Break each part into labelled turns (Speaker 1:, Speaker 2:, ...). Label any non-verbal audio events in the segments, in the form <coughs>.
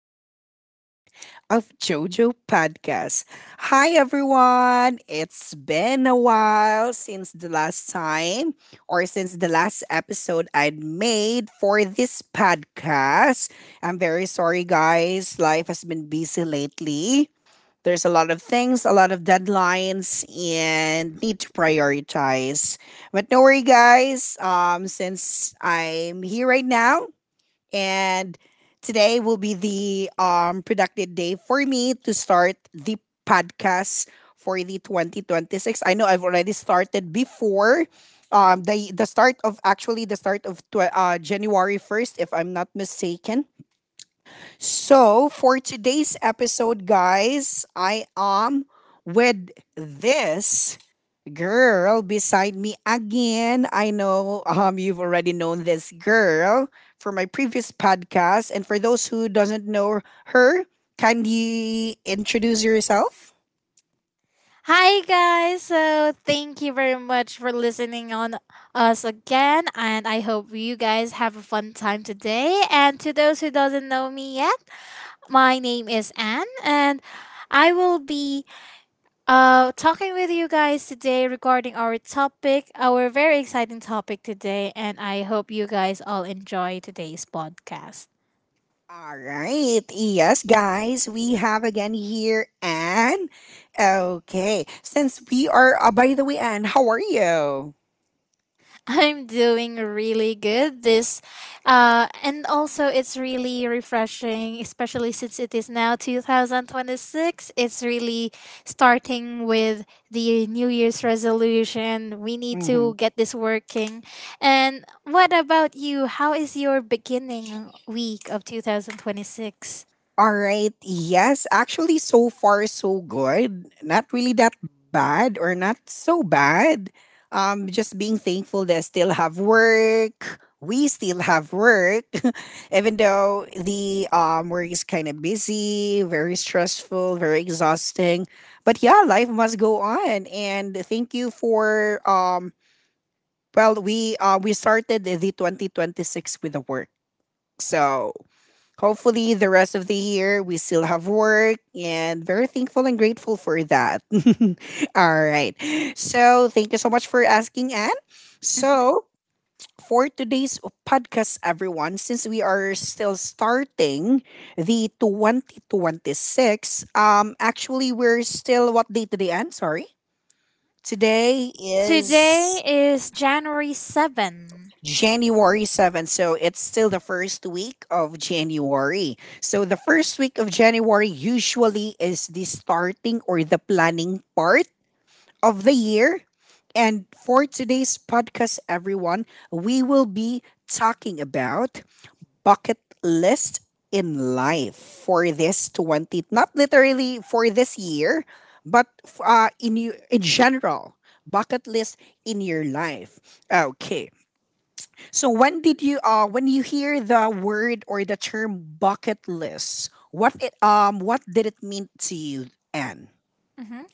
Speaker 1: to the newest episode of JoJo Podcast. Hi, everyone. It's been a while since the last time or since the last episode I'd made for this podcast. I'm very sorry, guys. Life has been busy lately. There's a lot of things, a lot of deadlines, and need to prioritize. But no worry, guys. Since I'm here right now, and today will be the productive day for me to start the podcast for the 2026. I know I've already started before the start of actually the start of tw- January 1st if I'm not mistaken. So for today's episode, guys, I am with this girl beside me again. I know you've already known this girl for my previous podcast, and for those who doesn't know her, kindly introduce yourself.
Speaker 2: Hi guys. So thank you very much for listening on us again and I hope you guys have a fun time today. And to those who doesn't know me yet, my name is Anne and I will be talking with you guys today regarding our topic, our very exciting topic today and I hope you guys all enjoy today's podcast.
Speaker 1: All right. Yes, guys, we have again here Anne. Okay. Since we are by the way, Anne, how are you?
Speaker 2: I'm doing really good. And also it's really refreshing, especially since it is now 2026. It's really starting with the New Year's resolution. We need
Speaker 1: Mm-hmm.
Speaker 2: to get this working. And what about you? How is your beginning week of 2026?
Speaker 1: All right. Yes, actually, so far so good. Not really that bad, or not so bad. Just being thankful that I still have work. We still have work, <laughs> even though the work is kind of busy, very stressful, very exhausting. But yeah, life must go on. And thank you for. Well, we started the 2026 with the work, so hopefully, the rest of the year we still have work and very thankful and grateful for that. <laughs> All right. So thank you so much for asking, Anne. So for today's podcast, everyone, since we are still starting the 2026, actually, we're still, what day today, Anne? Sorry. Today
Speaker 2: Today
Speaker 1: is
Speaker 2: is January 7.
Speaker 1: January 7th. So it's still the first week of January. So the first week of January usually is the starting or the planning part of the year. And for today's podcast, everyone, we will be talking about bucket list in life for this 20, not literally for this year, but in, you in general, bucket list in your life. Okay. So when you hear the word or the term bucket list, what did it mean to you, Anne?
Speaker 2: Mm-hmm.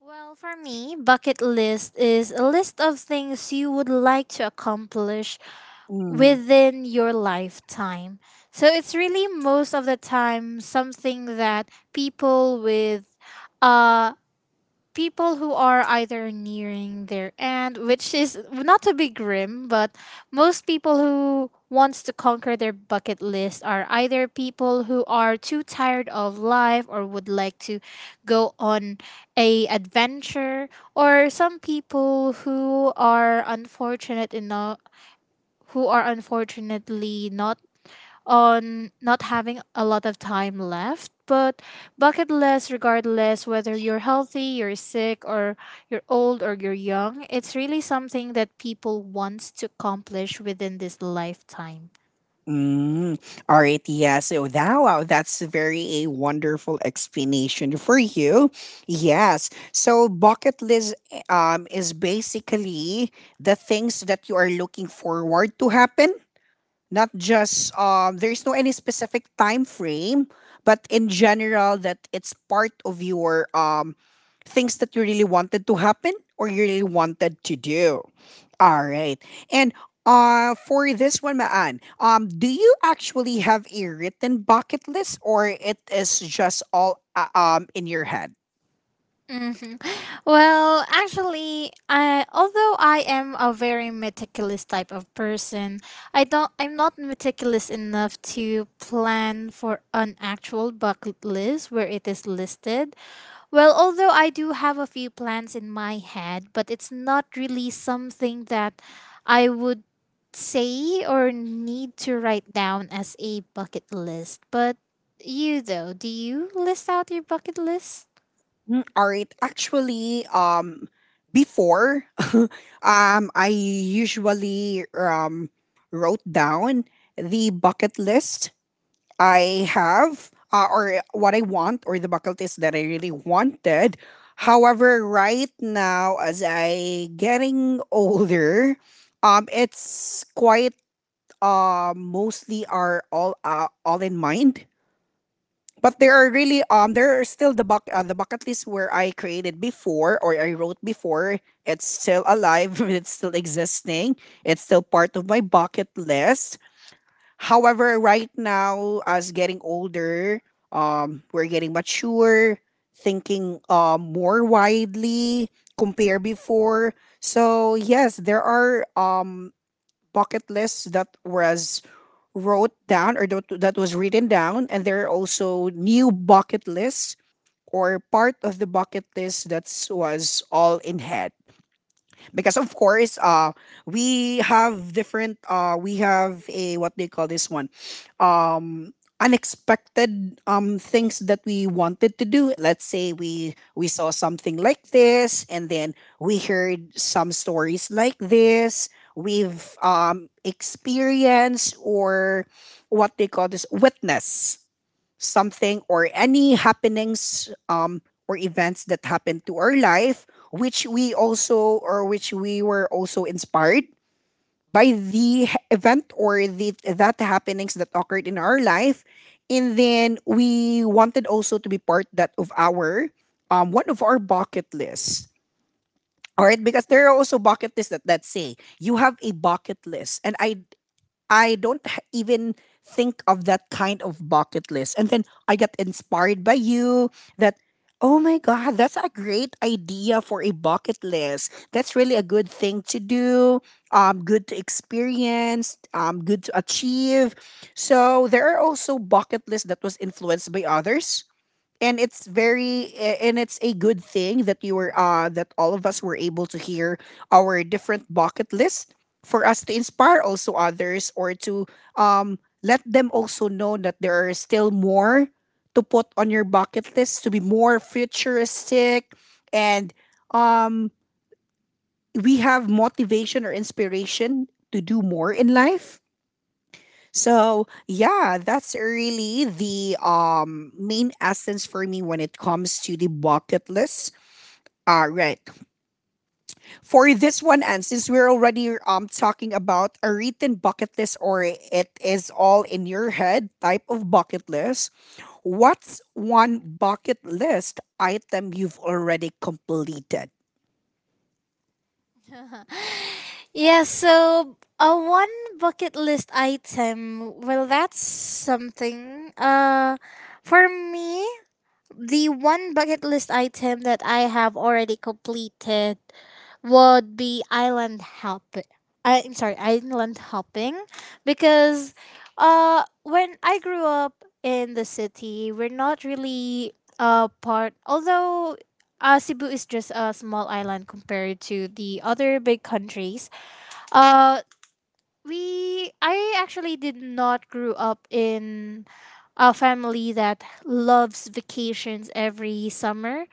Speaker 2: Well, for me, bucket list is a list of things you would like to accomplish
Speaker 1: Mm.
Speaker 2: within your lifetime. So it's really most of the time something that uh people who are either nearing their end, which is not to be grim, but most people who wants to conquer their bucket list are either people who are too tired of life or would like to go on a adventure or some people who are unfortunate enough who are unfortunately not having a lot of time left. But bucket list, regardless whether you're healthy, you're sick, or you're old or you're young, it's really something that people wants to accomplish within this lifetime.
Speaker 1: Mm. All right, yeah. So that, wow, that's a very a wonderful explanation for you. Yes. So bucket list is basically the things that you are looking forward to happen, not just, there's no any specific time frame, but in general that it's part of your things that you really wanted to happen or you really wanted to do. All right. And for this one, maan, do you actually have a written bucket list, or it is just all in your head?
Speaker 2: hmm Well, actually, I although I am a very meticulous type of person, I'm not meticulous enough to plan for an actual bucket list where it is listed. Well, although I do have a few plans in my head, but it's not really something that I would say or need to write down as a bucket list. But you though, do you list out your bucket list?
Speaker 1: All right. Actually, before, <laughs> I usually wrote down the bucket list I have, or what I want, or the bucket list that I really wanted. However, right now, as I getting older, it's quite mostly are all in mind, but there are really there are still the bucket list where I created before or I wrote before. It's still alive. <laughs> It's still existing. It's still part of my bucket list. However, right now, as getting older, we're getting mature, thinking more widely compare before. So yes, there are bucket lists that was wrote down or that was written down, and there are also new bucket lists or part of the bucket list that was all in head, because of course we have different, we have a what they call this one, um unexpected things that we wanted to do. Let's say we saw something like this, and then we heard some stories like this. We've experienced, or what they call this, witness something or any happenings, or events that happened to our life, which we also or which we were also inspired by event or the that happenings that occurred in our life, and then we wanted also to be part that of our, one of our bucket lists. All right, because there are also bucket lists that say you have a bucket list, and I don't even think of that kind of bucket list. And then I got inspired by you that, oh my God, that's a great idea for a bucket list. That's really a good thing to do, good to experience, good to achieve. So there are also bucket lists that was influenced by others, and it's very and it's a good thing that you were that all of us were able to hear our different bucket list, for us to inspire also others, or to um let them also know that there are still more to put on your bucket list, to be more futuristic, and um we have motivation or inspiration to do more in life. So yeah, that's really the main essence for me when it comes to the bucket list. All right. For this one, and since we're already talking about a written bucket list or it is all in your head type of bucket list, what's one bucket list item you've already completed?
Speaker 2: Yeah, so a one bucket list item. Well, that's something. For me, the one bucket list item that I have already completed would be island hopping. I'm sorry, island hopping because when I grew up in the city, we're not really part although Cebu is just a small island compared to the other big countries, uh, we I actually did not grew up in a family that loves vacations every summer.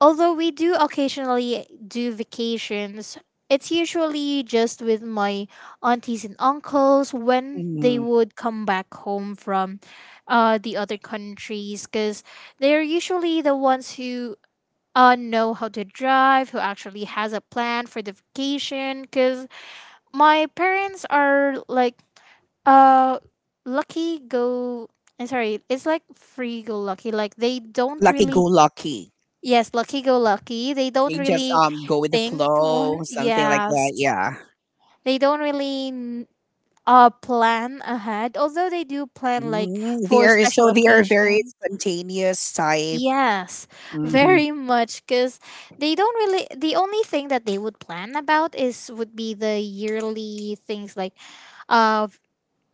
Speaker 2: Although we do occasionally do vacations, it's usually just with my aunties and uncles when they
Speaker 1: Mhm.
Speaker 2: would come back home from the other countries cuz they're usually the ones who know how to drive, who actually has a plan for the vacation cuz my parents are like uh lucky go I'm sorry, it's like free go lucky. Like they don't
Speaker 1: Lucky go
Speaker 2: really.
Speaker 1: lucky.
Speaker 2: Yes, lucky go lucky. They don't
Speaker 1: They just
Speaker 2: really
Speaker 1: go with the
Speaker 2: think more.
Speaker 1: flow, something like
Speaker 2: Yes.
Speaker 1: that. Yeah.
Speaker 2: They don't really plan ahead. Although they do plan like
Speaker 1: Mm, they
Speaker 2: for
Speaker 1: are
Speaker 2: special
Speaker 1: so they are very
Speaker 2: occasions.
Speaker 1: spontaneous type.
Speaker 2: Yes,
Speaker 1: Mhm,
Speaker 2: very much because they don't really. The only thing that they would plan about is would be the yearly things like, uh,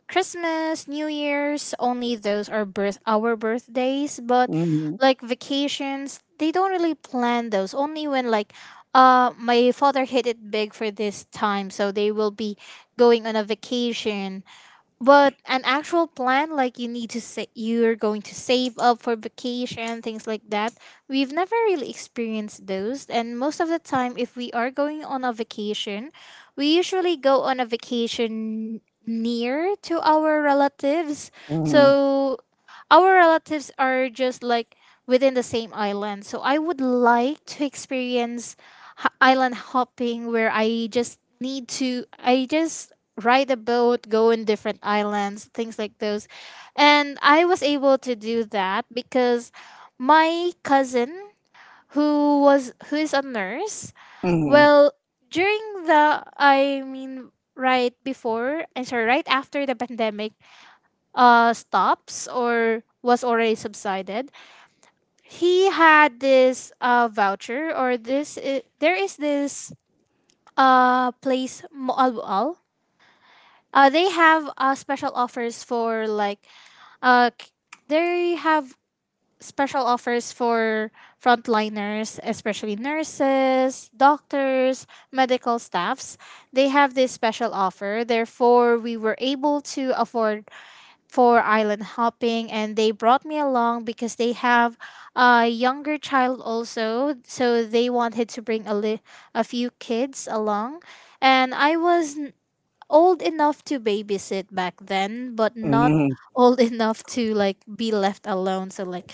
Speaker 2: Christmas, New Year's, only those are birth our birthdays, but
Speaker 1: mhm,
Speaker 2: like vacations, they don't really plan those. Only when like my father hit it big for this time, so they will be going on a vacation but an actual plan like you need to say you're going to save up for vacation things like that we've never really experienced those and most of the time if we are going on a vacation we usually go on a vacation near to our relatives
Speaker 1: mhm,
Speaker 2: so our relatives are just like within the same island so I would like to experience island hopping where I just ride a boat, go in different islands, things like those. And I was able to do that because my cousin who is a nurse,
Speaker 1: mhm,
Speaker 2: well, during the I mean right before I'm sorry, right after the pandemic stops or was already subsided, he had this voucher or this I there is this place Moalboal. They have special offers for like k- they have special offers for frontliners, especially nurses, doctors, medical staffs. They have this special offer. Therefore, we were able to afford for island hopping, and they brought me along because they have a younger child also. So they wanted to bring a few kids along, and I was old enough to babysit back then, but not
Speaker 1: mhm,
Speaker 2: old <laughs> enough to like be left alone. So like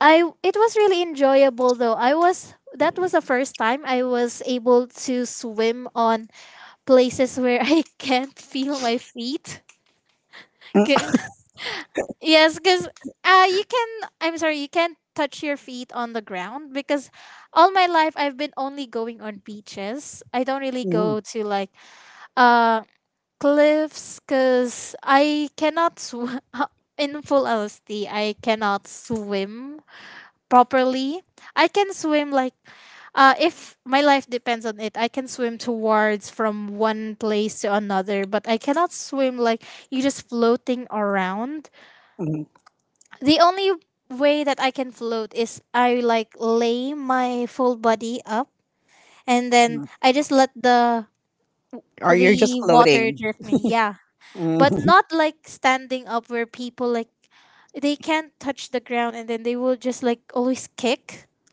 Speaker 2: I it was really enjoyable though. I was That was the first time I was able to swim on places <laughs> where I can't feel my feet.
Speaker 1: mm,
Speaker 2: 'Kay. Yes, cuz uh you can you can't touch your feet on the ground because all my life I've been only going on beaches. I don't really
Speaker 1: mhm,
Speaker 2: go to like um cliffs because I cannot swim. <laughs> In full LSD, I cannot swim properly. I can swim like if my life depends on it, I can swim towards from one place to another, but I cannot swim like you just floating around.
Speaker 1: mhm,
Speaker 2: The only way that I can float is I like lay my full body up and then
Speaker 1: mhm.
Speaker 2: I just let the
Speaker 1: Or
Speaker 2: the
Speaker 1: you're just
Speaker 2: water
Speaker 1: floating.
Speaker 2: drift me. Yeah. But
Speaker 1: Mhm,
Speaker 2: not like standing up where people like they can't touch the ground and then they will just like always kick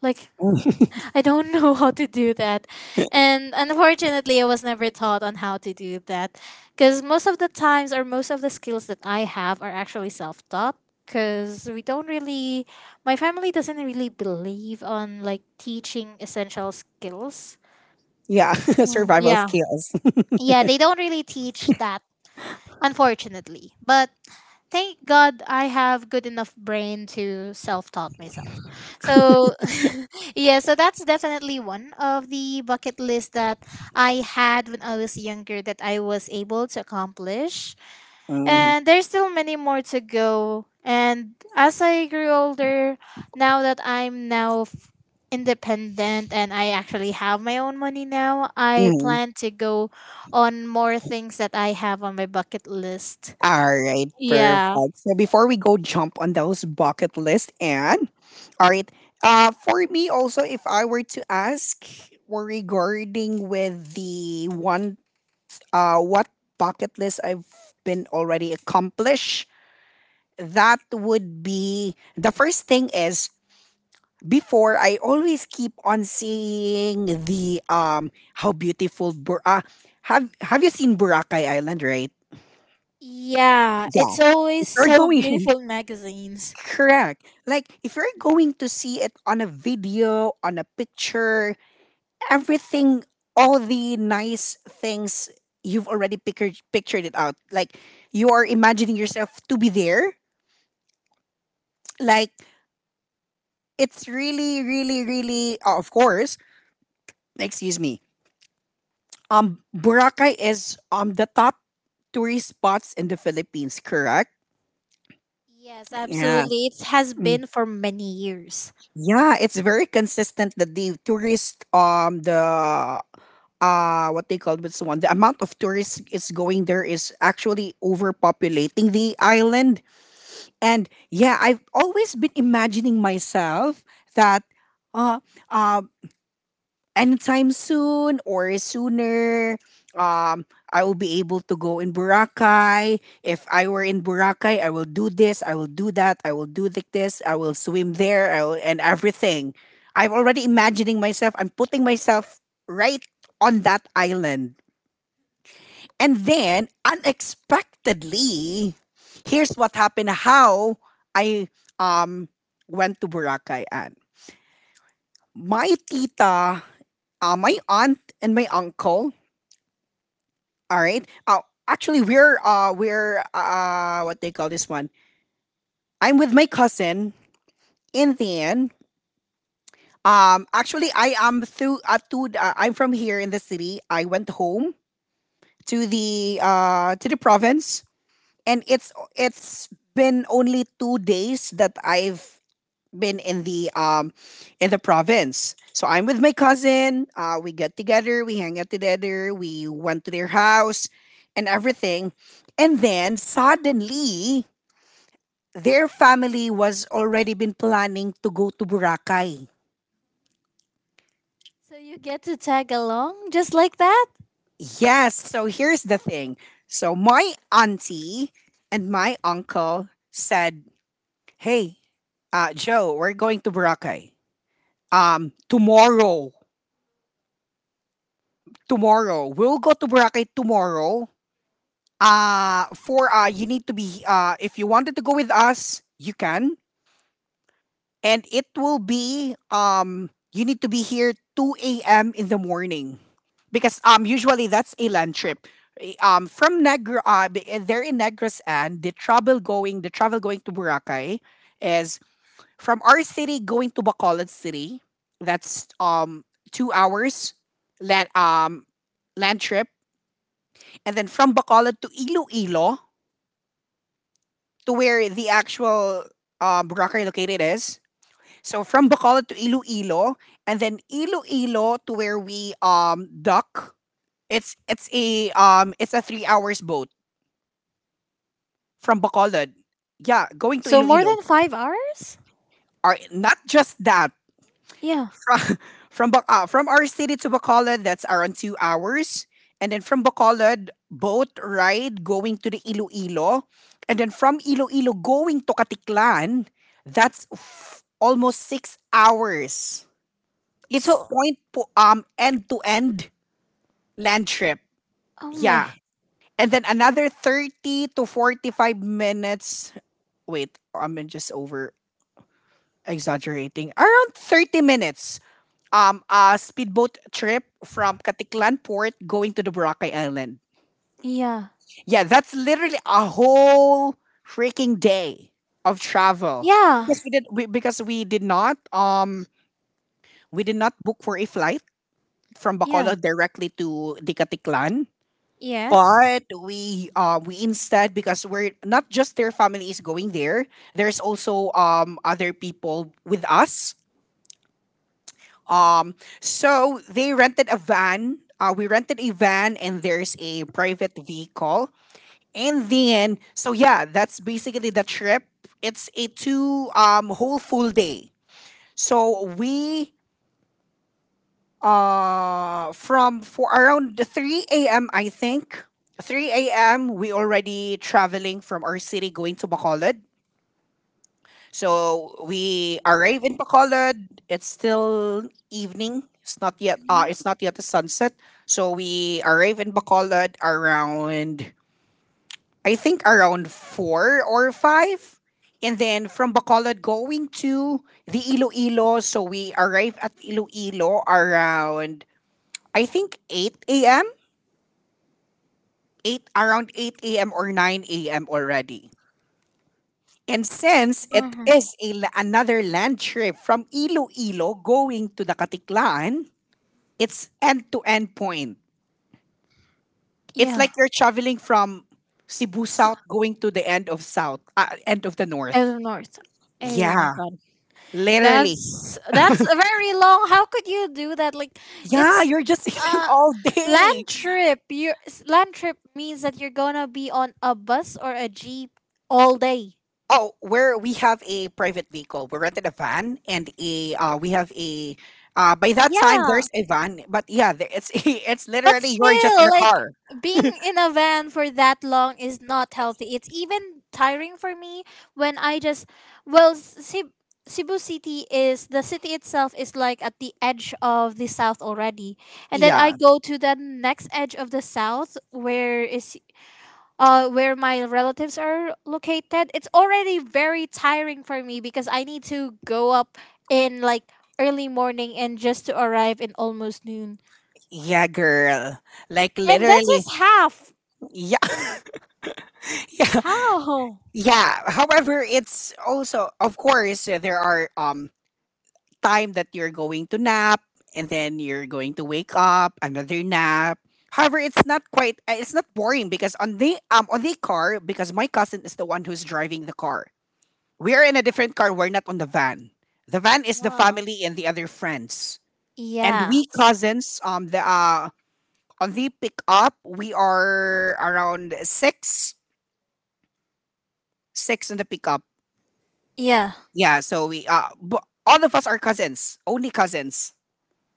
Speaker 2: like
Speaker 1: mhm.
Speaker 2: <laughs> I don't know <laughs> how to do that
Speaker 1: <laughs>
Speaker 2: and unfortunately I was never taught on how to do that because most of the times or most of the skills that I have are actually self-taught because we don't really my family doesn't really believe on like teaching essential skills.
Speaker 1: Yeah, <laughs> survival
Speaker 2: Yeah,
Speaker 1: skills.
Speaker 2: yeah, they don't really teach that unfortunately. But thank God I have good enough brain to self-taught myself. So <laughs> yeah, so that's definitely one of the bucket list that I had when I was younger that I was able to accomplish.
Speaker 1: Mhm,
Speaker 2: And there's still many more to go. And as I grew older, now that independent and I actually have my own money now, I
Speaker 1: mhm.
Speaker 2: plan to go on more things that I have on my bucket list.
Speaker 1: All right, perfect.
Speaker 2: Yeah.
Speaker 1: So before we go jump on those bucket list and all right, for me also, if I were to ask were regarding with the one, what bucket list I've been already accomplished, that would be the first thing is, before I always keep on seeing the how beautiful Bur- have you seen Boracay Island, right?
Speaker 2: Yeah,
Speaker 1: Yeah.
Speaker 2: it's
Speaker 1: If
Speaker 2: always
Speaker 1: you're
Speaker 2: so
Speaker 1: going
Speaker 2: beautiful magazines.
Speaker 1: <laughs> correct. Like if you're going to see it on a video, on a picture, everything, all the nice things you've already pictured it out. Like you are imagining yourself to be there. Like it's really, really, really. Oh, of course, excuse me. Boracay is the top tourist spots in the Philippines. Correct?
Speaker 2: Yes,
Speaker 1: Yeah.
Speaker 2: absolutely. It has
Speaker 1: Mm.
Speaker 2: been for many years.
Speaker 1: Yeah, it's very consistent that the tourist the what they call this one, the amount of tourists is going there, is actually overpopulating the island. And yeah, I've always been imagining myself that, uh, um, anytime soon or sooner, um, I will be able to go in Boracay. If I were in Boracay, I will do this, I will do that, I will do this, I will swim there, I will, and everything. I'm already imagining myself, I'm putting myself right on that island. And then unexpectedly, here's what happened, how I um went to Boracay, and my tita, my aunt and my uncle, all right? Actually, we're what they call this one. I'm with my cousin in the end. Actually, I am through to, I'm from here in the city. I went home to the province, and it's been only 2 days that I've been in the province. So I'm with my cousin. We get together, we hang out together, we went to their house, and everything. And then suddenly, their family was already been planning to go to Boracay.
Speaker 2: So you get to tag along just like that?
Speaker 1: Yes. So here's the thing. So my auntie and my uncle said, "Hey, Joe, we're going to Boracay." um tomorrow tomorrow, we'll go to Boracay tomorrow, for you need to be, if you wanted to go with us, you can, and it will be you need to be here 2 a.m. in the morning, because usually that's a land trip. They're in Negros, and the travel going to Boracay is from our city going to Bacolod City. That's 2 hours land land trip, and then from Bacolod to Iloilo, to where the actual rocker located is. So from Bacolod to Iloilo, and then Iloilo to where we dock. It's a 3 hours boat from Bacolod. Yeah, going to
Speaker 2: So more
Speaker 1: Iloilo.
Speaker 2: than 5 hours?
Speaker 1: Are not just that.
Speaker 2: Yeah.
Speaker 1: From our city to Bacolod, that's around 2 hours. And then from Bacolod, boat ride going to the Iloilo. And then from Iloilo going to Katiklan, that's almost 6 hours. It's
Speaker 2: So.
Speaker 1: point po end to end land trip.
Speaker 2: Oh my.
Speaker 1: Yeah. And then another 30 to 45 minutes. Wait, I'm just over exaggerating. Around 30 minutes, a speedboat trip from Katiklan Port going to the Boracay Island.
Speaker 2: Yeah.
Speaker 1: Yeah, that's literally a whole freaking day of travel
Speaker 2: Yeah.
Speaker 1: because because we did not book for a flight from
Speaker 2: Yeah.
Speaker 1: Bacolod directly to the Katiklan.
Speaker 2: Yes.
Speaker 1: But we instead, because we're not just their family is going there, there's also other people with us. So they rented a van. We rented a van, and there's a private vehicle. And then, so yeah, that's basically the trip. It's a two whole full day. So we from for around three a.m., I think. 3 a.m. we already traveling from our city going to Bacolod. So we arrive in Bacolod. It's still evening. It's not yet the sunset. So we arrive in Bacolod around, I think, around four or five. And then from Bacolod going to the Iloilo, so we arrive at Iloilo around, I think, eight AM. Eight around eight a.m. or nine a.m. already. And since it
Speaker 2: Hmm.
Speaker 1: is a, another land trip from Iloilo going to the Katiklaan, it's end to end point. It's
Speaker 2: Yeah.
Speaker 1: like you're traveling from Cebu South going to the end of South, end of the North.
Speaker 2: Edward Norton. Oh my
Speaker 1: Yeah,
Speaker 2: god.
Speaker 1: literally.
Speaker 2: That's a very long. How could you do that? Like
Speaker 1: Yeah,
Speaker 2: it's
Speaker 1: you're just <laughs> eating
Speaker 2: uh
Speaker 1: all
Speaker 2: land
Speaker 1: day.
Speaker 2: trip. Land trip means that you're gonna be on a bus or a jeep all day.
Speaker 1: Oh, where we have a private vehicle. We rented a van, and a we have a by that time
Speaker 2: Yeah.
Speaker 1: there's a van, but yeah, it's <laughs> it's
Speaker 2: But
Speaker 1: literally you're just in
Speaker 2: still,
Speaker 1: a
Speaker 2: like
Speaker 1: car.
Speaker 2: being in a van for that long is not healthy. It's even tiring for me. When I just well, Cebu, Cebu City is like at the edge of the south already, and then I
Speaker 1: Yeah.
Speaker 2: go to the next edge of the south where my relatives are located. It's already very tiring for me because I need to go up in like early morning and just to arrive in almost noon.
Speaker 1: Yeah, girl. Like,
Speaker 2: And that's
Speaker 1: literally.
Speaker 2: just half.
Speaker 1: Yeah, <laughs> yeah,
Speaker 2: How?
Speaker 1: yeah. However, it's also, of course, there are time that you're going to nap and then you're going to wake up another nap. However, it's not quite. It's not boring because on the car, because my cousin is the one who's driving the car. We are in a different car. We're not on the van. The van is the
Speaker 2: Ah,
Speaker 1: family and the other friends. And
Speaker 2: yeah,
Speaker 1: we cousins, the on the pickup, we are around 6 in the pickup.
Speaker 2: yeah.
Speaker 1: Yeah, so all of us are cousins, only cousins.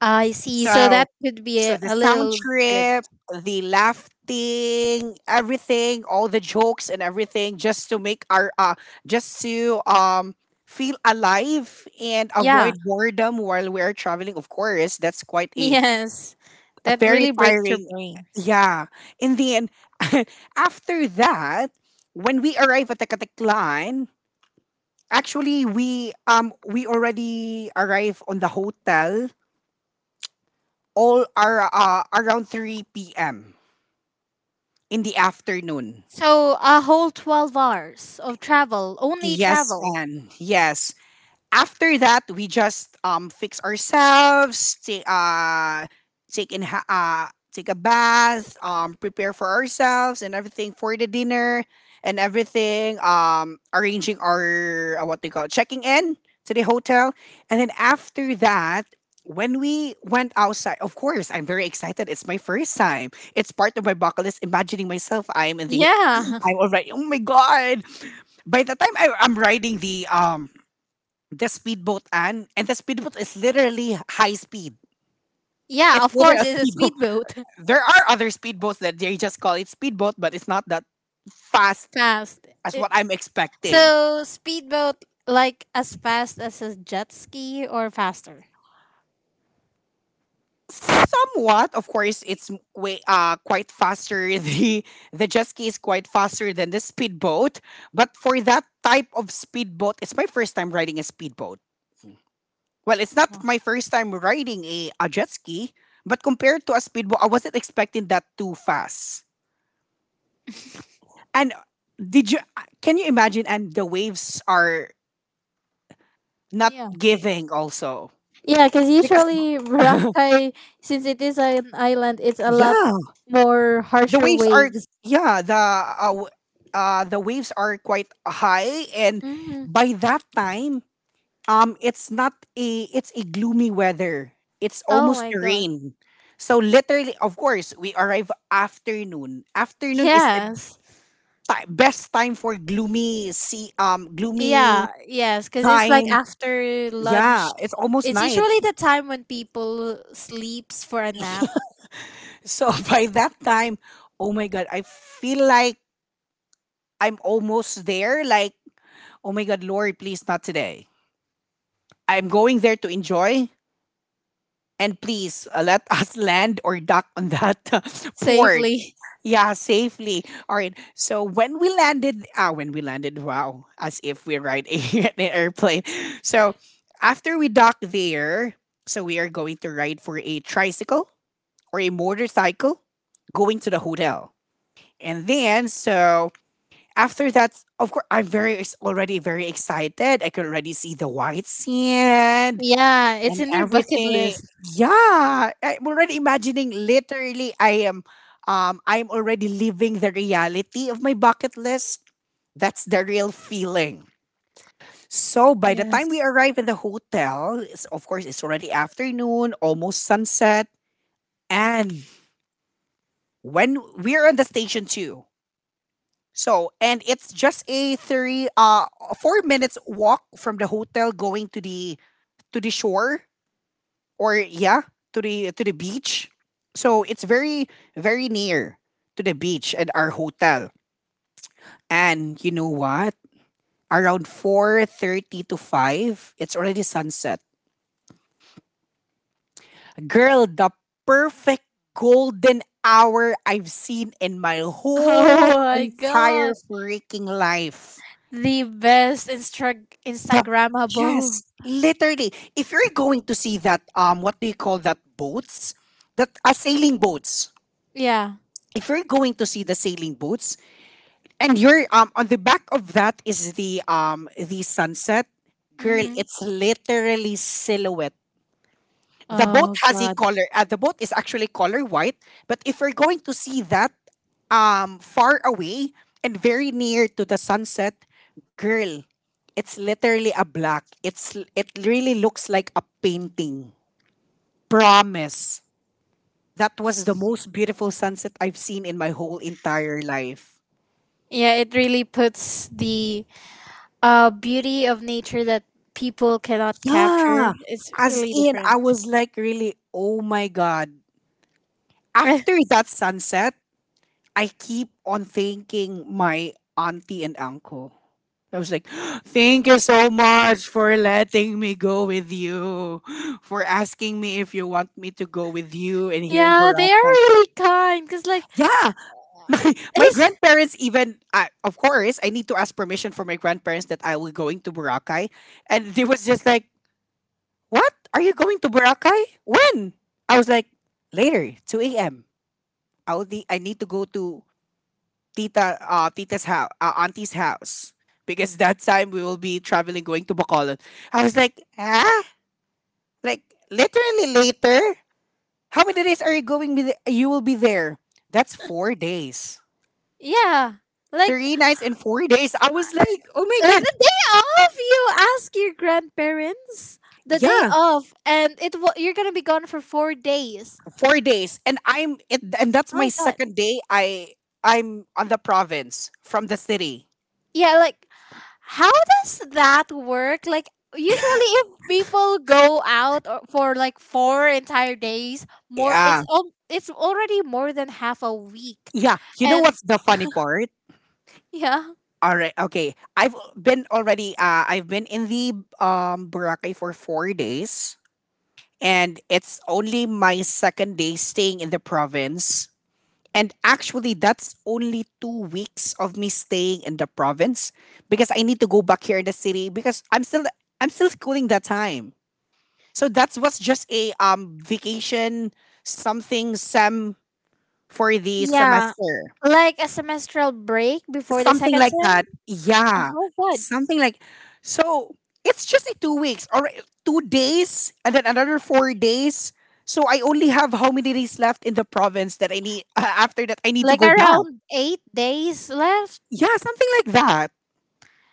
Speaker 2: I see. So that
Speaker 1: So,
Speaker 2: could be
Speaker 1: so
Speaker 2: a,
Speaker 1: the
Speaker 2: a
Speaker 1: sound
Speaker 2: little good.
Speaker 1: trip, the laughing, everything, all the jokes and everything, just to make our just to feel alive and
Speaker 2: Yeah,
Speaker 1: avoid boredom while we're traveling. Of course, that's quite
Speaker 2: <laughs>
Speaker 1: a
Speaker 2: yes.
Speaker 1: A
Speaker 2: That
Speaker 1: very
Speaker 2: really breaks your
Speaker 1: tiring.
Speaker 2: brain.
Speaker 1: Yeah. In the end, <laughs> after that, when we arrive at the Katiklan, actually we already arrive on the hotel, all are around 3 p.m. in the afternoon.
Speaker 2: So a whole 12 hours of travel, only
Speaker 1: Yes,
Speaker 2: travel.
Speaker 1: and yes, after that we just fix ourselves, take a bath, prepare for ourselves and everything for the dinner and everything, arranging our what they call checking in to the hotel. And then after that, when we went outside, of course, I'm very excited. It's my first time. It's part of my bucket list. Imagining myself, I'm in
Speaker 2: Yeah,
Speaker 1: I'm already. Oh my god! By the time I'm riding the speedboat Anne, and the speedboat is literally high speed.
Speaker 2: <laughs> yeah,
Speaker 1: It's
Speaker 2: of
Speaker 1: literally
Speaker 2: course,
Speaker 1: a
Speaker 2: it's a
Speaker 1: speedboat. <laughs>
Speaker 2: speedboat. <laughs>
Speaker 1: There are other speedboats that they just call it speedboat, but it's not that fast
Speaker 2: Fast.
Speaker 1: as
Speaker 2: It.
Speaker 1: what I'm expecting.
Speaker 2: So speedboat like as fast as a jet ski or faster?
Speaker 1: Somewhat, of course, way quite faster. <laughs> The jet ski is quite faster than the speedboat. But for that type of speedboat, it's my first time riding a speedboat. Well, it's not my first time riding a jet ski, but compared to a speedboat, I wasn't expecting that too fast. And did you can you imagine, and the waves are not
Speaker 2: Yeah.
Speaker 1: giving also
Speaker 2: Yeah, because
Speaker 1: because
Speaker 2: usually
Speaker 1: <laughs>
Speaker 2: Boracay, since it is an island, it's a lot
Speaker 1: yeah
Speaker 2: more
Speaker 1: the
Speaker 2: harsher
Speaker 1: waves are
Speaker 2: waves.
Speaker 1: yeah, the waves are quite high, and
Speaker 2: Hmm.
Speaker 1: by that time, it's not a it's a gloomy weather, it's
Speaker 2: Oh
Speaker 1: almost
Speaker 2: my
Speaker 1: a
Speaker 2: god.
Speaker 1: rain. So literally, of course, we arrive afternoon. Afternoon is the
Speaker 2: Yes.
Speaker 1: best time for gloomy sea, gloomy
Speaker 2: Yeah, yes, because it's like
Speaker 1: time.
Speaker 2: after
Speaker 1: Yeah,
Speaker 2: lunch.
Speaker 1: it's almost
Speaker 2: It's
Speaker 1: night.
Speaker 2: usually the time when people sleeps for a nap.
Speaker 1: So <laughs> by that time, oh my God, I feel like I'm almost there. Like, oh my God, Lord, please not today. I'm going there to enjoy. And please let <laughs> us land or dock on that <laughs> port.
Speaker 2: Safely. <laughs>
Speaker 1: Yeah, safely. All right. So when we landed, ah, when we landed, wow, as if we ride a, <laughs> an airplane. So after we dock there, so we are going to ride for a tricycle or a motorcycle going to the hotel. And then, so after that, of course, already very excited. I could already see the white sand
Speaker 2: Yeah, it's
Speaker 1: and
Speaker 2: in your bucket
Speaker 1: everything.
Speaker 2: list.
Speaker 1: Yeah, I'm already imagining. Literally, I am. I'm already living the reality of my bucket list. That's the real feeling. So by the
Speaker 2: Yes.
Speaker 1: time we arrive at the hotel, it's, of course, it's already afternoon, almost sunset, and when we're on the station too. So, and it's just a 4 minutes walk from the hotel going to the shore, or yeah, to the beach. So it's very near to the beach and our hotel. And you know what? Around 4:30 to five, it's already sunset. Girl, the perfect golden hour I've seen in my
Speaker 2: <laughs>
Speaker 1: whole
Speaker 2: Oh my
Speaker 1: entire
Speaker 2: god.
Speaker 1: freaking life.
Speaker 2: The best
Speaker 1: The
Speaker 2: Instagrammable.
Speaker 1: Yes, literally. If you're going to see that, what do you call that boats? That are sailing boats.
Speaker 2: Yeah.
Speaker 1: If you're going to see the sailing boats, and you're on the back of that is the sunset, girl.
Speaker 2: Mm-hmm.
Speaker 1: It's literally silhouette. The boat
Speaker 2: Oh
Speaker 1: has a
Speaker 2: god.
Speaker 1: color. The boat is actually color white. But if we're going to see that far away and very near to the sunset, girl, it's literally a black. It really looks like a painting. Promise. That was the most beautiful sunset I've seen in my whole entire life.
Speaker 2: Yeah, it really puts the beauty of nature that people cannot capture.
Speaker 1: Yeah.
Speaker 2: It's
Speaker 1: As
Speaker 2: really
Speaker 1: in,
Speaker 2: different.
Speaker 1: I was like, really, oh my God.
Speaker 2: <laughs>
Speaker 1: After that sunset, I keep on thanking my auntie and uncle. I was like, <gasps> thank you so much for letting me go with you, for asking me if you want me to go with you and here in
Speaker 2: Yeah, they are
Speaker 1: Boracay.
Speaker 2: really kind. Cause like
Speaker 1: Yeah, <laughs> my
Speaker 2: it's.
Speaker 1: grandparents even, of course, I need to ask permission for my grandparents that I will going to Boracay. And they was just like, what? Are you going to Boracay? When? I was like, later, 2 a.m. Will be, I need to go to tita's house, auntie's house, because that time we will be traveling going to Bacolod. I was like, huh? Like, literally later. How many days are you going? Be you will be there. That's 4 days,
Speaker 2: Yeah, like
Speaker 1: 3 nights and 4 days. I was like, oh my
Speaker 2: like
Speaker 1: god,
Speaker 2: the day off, you ask your grandparents the day
Speaker 1: yeah,
Speaker 2: off, and you're gonna be gone for 4 days.
Speaker 1: 4 days, and and that's
Speaker 2: Oh
Speaker 1: my
Speaker 2: my god.
Speaker 1: second day. I'm on the province from the city.
Speaker 2: Yeah, like how does that work, like usually if people go out for like four entire days more
Speaker 1: Yeah,
Speaker 2: it's already more than half a week.
Speaker 1: yeah. You know
Speaker 2: And
Speaker 1: what's the funny part?
Speaker 2: yeah,
Speaker 1: All right. Okay. I've been already. I've been in the Boracay for 4 days, and it's only my second day staying in the province. And actually, that's only 2 weeks of me staying in the province, because I need to go back here in the city because I'm still schooling that time. So that was just a vacation, something sem for the
Speaker 2: yeah,
Speaker 1: semester.
Speaker 2: like a semestral break before the
Speaker 1: Something
Speaker 2: second
Speaker 1: like
Speaker 2: sem.
Speaker 1: that. Yeah,
Speaker 2: Oh god.
Speaker 1: something like so. It's just a 2 weeks or 2 days, and then another 4 days. So I only have how many days left in the province that I need after that I need to
Speaker 2: Like
Speaker 1: go back.
Speaker 2: around 8 days left.
Speaker 1: Yeah, something like that.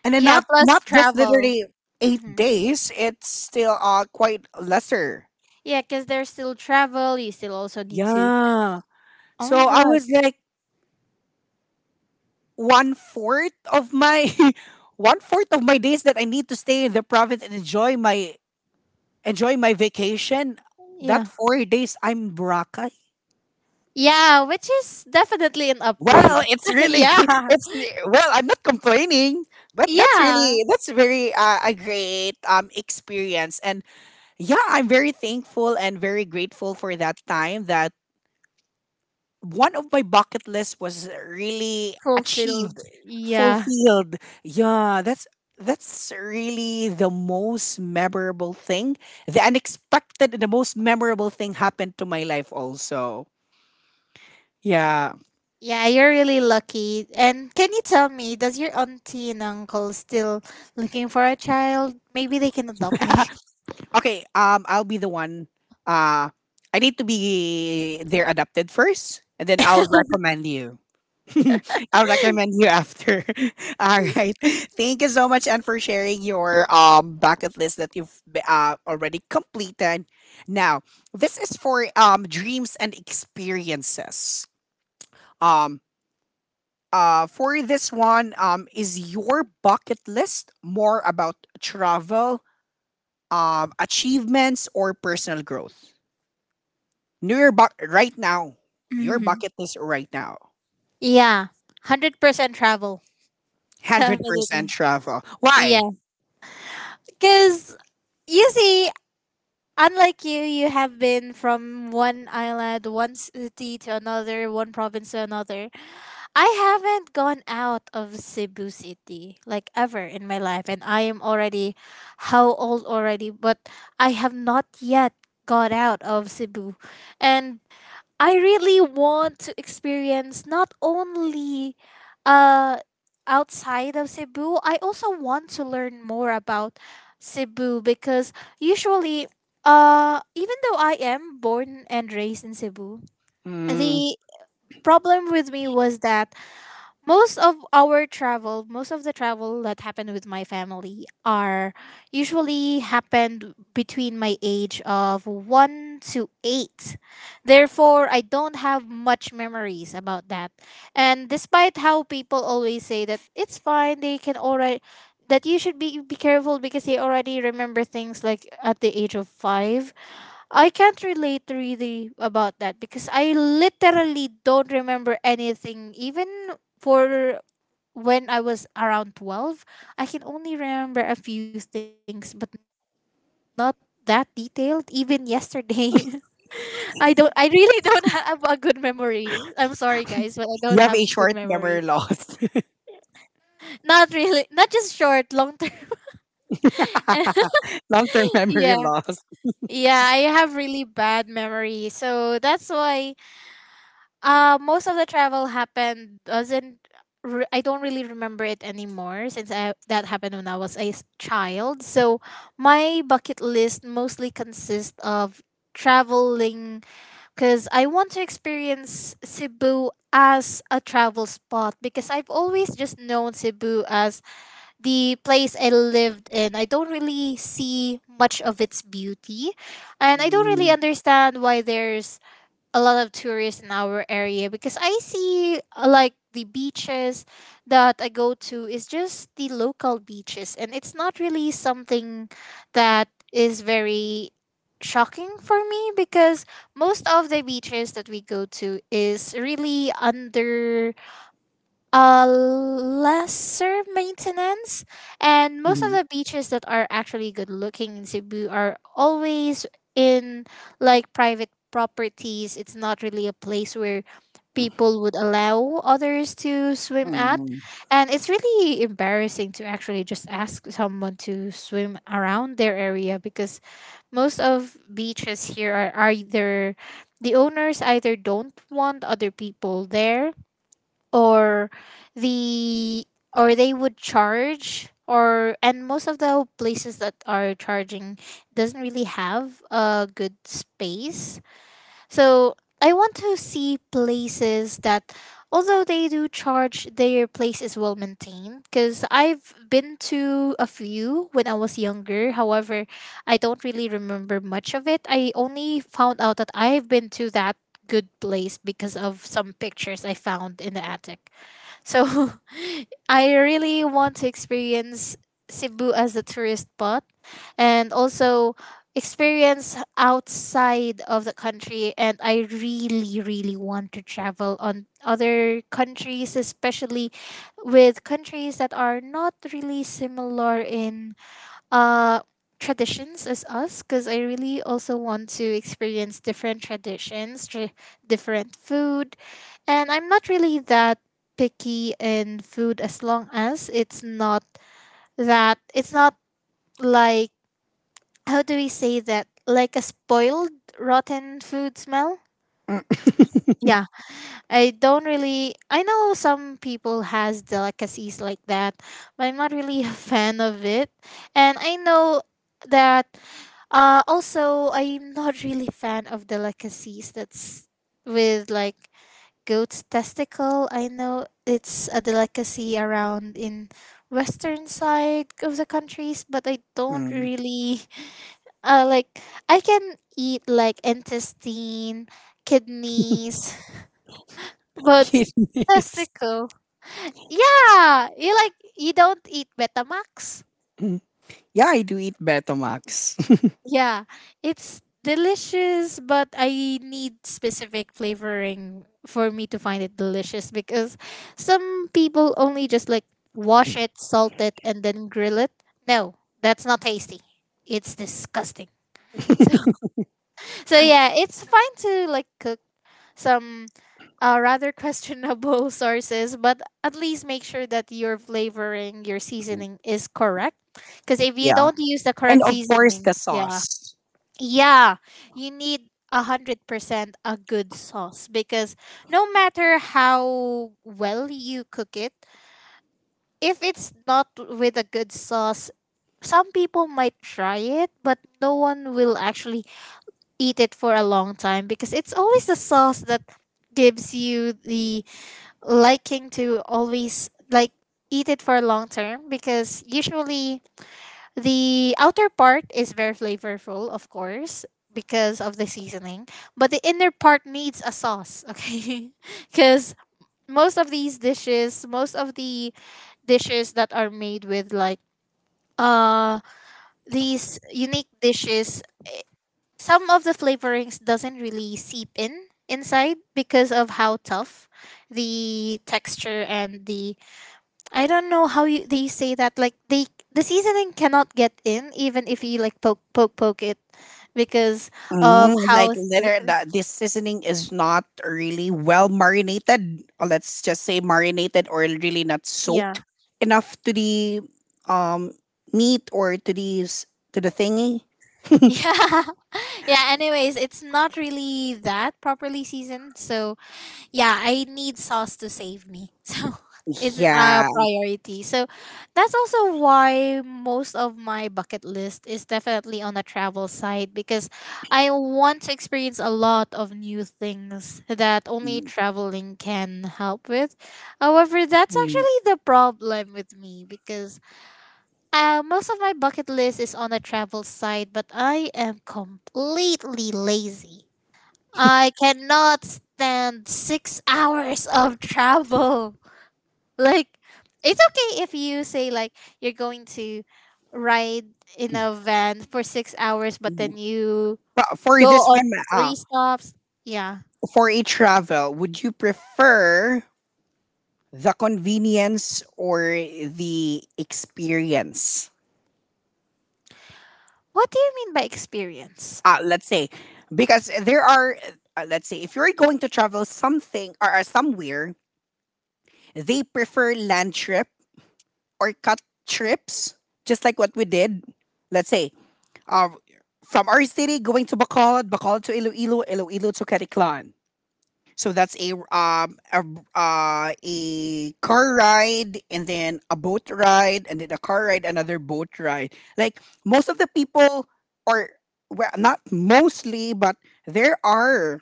Speaker 1: And then
Speaker 2: Yeah, plus
Speaker 1: not just
Speaker 2: travel.
Speaker 1: literally eight
Speaker 2: Hmm.
Speaker 1: days. It's still quite lesser.
Speaker 2: Yeah, because there's still travel, you still also need to.
Speaker 1: Yeah.
Speaker 2: Oh
Speaker 1: So
Speaker 2: my
Speaker 1: I
Speaker 2: god.
Speaker 1: was like, one fourth of my <laughs> one fourth of my days that I need to stay in the province and enjoy my vacation.
Speaker 2: Yeah.
Speaker 1: That 4 days, I'm Boracay.
Speaker 2: Yeah, which is definitely an upgrade.
Speaker 1: Well, it's
Speaker 2: <laughs>
Speaker 1: really,
Speaker 2: Yeah.
Speaker 1: <laughs> well, I'm not complaining, but
Speaker 2: Yeah.
Speaker 1: that's very a great experience, and yeah, I'm very thankful and very grateful for that time. That one of my bucket list was really achieved,
Speaker 2: Fulfilled. Yeah.
Speaker 1: fulfilled. Yeah, that's really the most memorable thing. The unexpected, and the most memorable thing happened to my life also. Yeah.
Speaker 2: Yeah, you're really lucky. And can you tell me, does your auntie and uncle still looking for a child? Maybe they can adopt me.
Speaker 1: <laughs> Okay. I'll be the one. Uh, I need to be their adopted first, and then I'll recommend you. <laughs> I'll recommend you after. <laughs> All right. Thank you so much, and for sharing your bucket list that already completed. Now, this is for dreams and experiences. Um. For this one, is your bucket list more about travel, achievements or personal growth? Right now,
Speaker 2: <laughs>
Speaker 1: your
Speaker 2: Hmm.
Speaker 1: bucket list right now.
Speaker 2: Yeah. 100% travel.
Speaker 1: 100%
Speaker 2: Definitely.
Speaker 1: travel. Why?
Speaker 2: Yeah. Because you see, unlike you, you have been from one island, one city to another, one province to another. I haven't gone out of Cebu City like ever in my life, and I am already how old already, but I have not yet got out of Cebu. And I really want to experience not only uh outside of Cebu. I also want to learn more about Cebu because usually, even though I am born and raised in Cebu,
Speaker 1: Mm,
Speaker 2: the problem with me was that most of the travel that happened with my family are usually happened between my age of 1 to 8. Therefore, I don't have much memories about that. And despite how people always say that it's fine, they can already that you should be careful because they already remember things like at the age of 5, I can't relate really about that because I literally don't remember anything. Even for when I was around 12, I can only remember a few things, but not that detailed. Even yesterday, <laughs> I really don't have a good memory. I'm sorry, guys, but I don't have good
Speaker 1: you have a
Speaker 2: memory.
Speaker 1: short memory loss,
Speaker 2: Not really, not just short, long term. <laughs>
Speaker 1: <laughs> long term
Speaker 2: Yeah.
Speaker 1: memory loss.
Speaker 2: Yeah, I have really bad memory. So that's why most of the travel happened doesn't. I don't really remember it anymore since that happened when I was a child. So my bucket list mostly consists of traveling because I want to experience Cebu as a travel spot, because I've always just known Cebu as the place I lived in. I don't really see much of its beauty, and I don't really
Speaker 1: Mm,
Speaker 2: understand why there's a lot of tourists in our area, because I see, like, the beaches that I go to is just the local beaches, and it's not really something that is very shocking for me because most of the beaches that we go to is really under lesser maintenance. And most of
Speaker 1: mm,
Speaker 2: the beaches that are actually good looking in Cebu are always in, like, private properties. It's not really a place where people would allow others to swim at.
Speaker 1: mm,
Speaker 2: And it's really embarrassing to actually just ask someone to swim around their area, because most of beaches here are either the owners either don't want other people there, or the or they would charge, or and most of the places that are charging doesn't really have a good space. So I want to see places that, although they do charge, their place is well maintained, because I've been to a few when I was younger. However, I don't really remember much of it. I only found out that I've been to that good place because of some pictures I found in the attic. So <laughs> I really want to experience Cebu as a tourist spot, and also experience outside of the country, and I really really want to travel on other countries, especially with countries that are not really similar in uh traditions as us, because I really also want to experience different traditions, different food, and I'm not really that picky in food as long as it's not, that it's not, like, how do we say that, like a spoiled rotten food smell.
Speaker 1: mm,
Speaker 2: Yeah, I don't really I know some people has delicacies like that, but I'm not really <laughs> a fan of it. And I know that, also I'm not really fan of delicacies that's with, like, goat's testicle. I know it's a delicacy around in western side of the countries, but I don't
Speaker 1: mm.
Speaker 2: really <laughs> like, I can eat like intestine, kidneys, but
Speaker 1: Kidding.
Speaker 2: testicle. Yeah, you like you don't eat Betamax.
Speaker 1: <laughs> Yeah, I do eat Betamax.
Speaker 2: Yeah, it's delicious, but I need specific flavoring for me to find it delicious, because some people only just like wash it, salt it, and then grill it. No, that's not tasty. It's disgusting. <laughs> So, yeah, it's fine to like cook some rather questionable <laughs> sources, but at least make sure that your flavoring, your
Speaker 1: <laughs>
Speaker 2: seasoning is correct. Because if you
Speaker 1: Yeah,
Speaker 2: don't use the
Speaker 1: and
Speaker 2: correct
Speaker 1: of course the
Speaker 2: seasoning, yeah,
Speaker 1: sauce.
Speaker 2: yeah, you need 100% a good sauce, because no matter how well you cook it, if it's not with a good sauce, some people might try it, but no one will actually eat it for a long time, because it's always the sauce that gives you the liking to always like eat it for long term, because usually the outer part is very flavorful, of course, because of the seasoning, but the inner part needs a sauce, okay? <laughs> Because most of the dishes that are made with, like, uh these unique dishes, some of the flavorings doesn't really seep in inside because of how tough the texture and the, I don't know how you they say that, like, the seasoning cannot get in even if you like poke poke poke it, because of
Speaker 1: Mm,
Speaker 2: how
Speaker 1: like
Speaker 2: thick.
Speaker 1: literally, that this seasoning is not really well marinated. Or Let's just say marinated or really not
Speaker 2: Yeah.
Speaker 1: soaked enough to the um meat or to these to the thingy.
Speaker 2: <laughs> Yeah, yeah, anyways, it's not really that properly seasoned. So yeah, I need sauce to save me. <laughs> So it's a
Speaker 1: Yeah.
Speaker 2: priority. So that's also why most of my bucket list is definitely on the travel side, because I want to experience a lot of new things that only
Speaker 1: Mm,
Speaker 2: traveling can help with. However, that's
Speaker 1: mm,
Speaker 2: actually the problem with me, because most of my bucket list is on the travel side, but I am completely lazy. I cannot stand 6 hours of travel. <laughs> Like, it's okay if you say, like, you're going to ride in a van for 6 hours, but
Speaker 1: mm.
Speaker 2: then you
Speaker 1: But for
Speaker 2: go
Speaker 1: this
Speaker 2: on
Speaker 1: one,
Speaker 2: three stops. Yeah.
Speaker 1: for a travel, would you prefer the convenience or the experience?
Speaker 2: What do you mean by experience?
Speaker 1: Let's say because there are let's say if you're going to travel something or somewhere they prefer land trip or cut trips just like what we did, let's say, uh, from our city going to Bacolod, Bacolod to Iloilo, Iloilo to Caticlan. So that's a car ride and then a boat ride and then a car ride, another boat ride. Like most of the people are, well, not mostly, but there are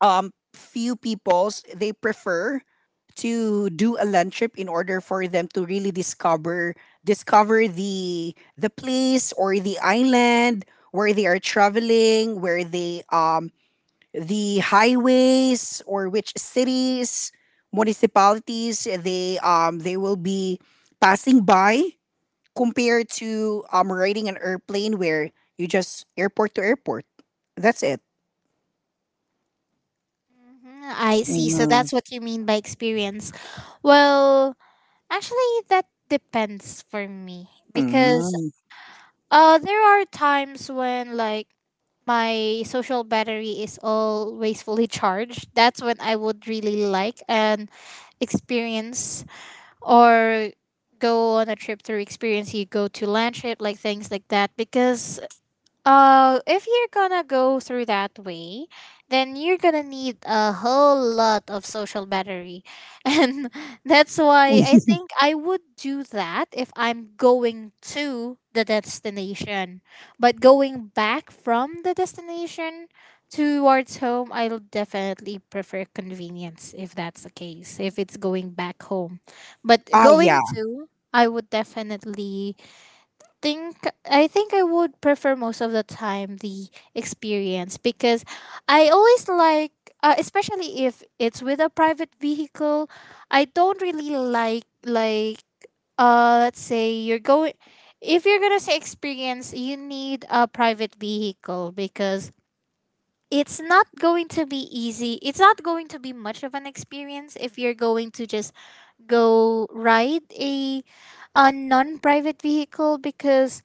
Speaker 1: few peoples they prefer to do a land trip in order for them to really discover the place or the island where they are traveling, where they the highways or which cities, municipalities they will be passing by compared to riding an airplane where you just airport to airport. That's it.
Speaker 2: Mhm, I see. So
Speaker 1: Mm,
Speaker 2: that's what you mean by experience. Well, actually, that depends for me because
Speaker 1: mm.
Speaker 2: there are times when, like, my social battery is always fully <laughs> charged, that's when I would really like an experience, or go on a trip through experience, you go to land trip, like things like that, because if you're gonna go through that way, then you're gonna need a whole lot of social battery. <laughs> And that's why I
Speaker 1: <laughs>
Speaker 2: think I would do that if I'm going to the destination. But going back from the destination towards home, I'll definitely prefer convenience, if that's the case, if it's going back home. But
Speaker 1: Ah,
Speaker 2: going
Speaker 1: yeah.
Speaker 2: to, I would definitely think think I would prefer most of the time the experience, because I always like, especially if it's with a private vehicle, I don't really like, let's say you're going, if you're going to say experience, you need a private vehicle, because it's not going to be easy. It's not going to be much of an experience if you're going to just go ride a non-private vehicle, because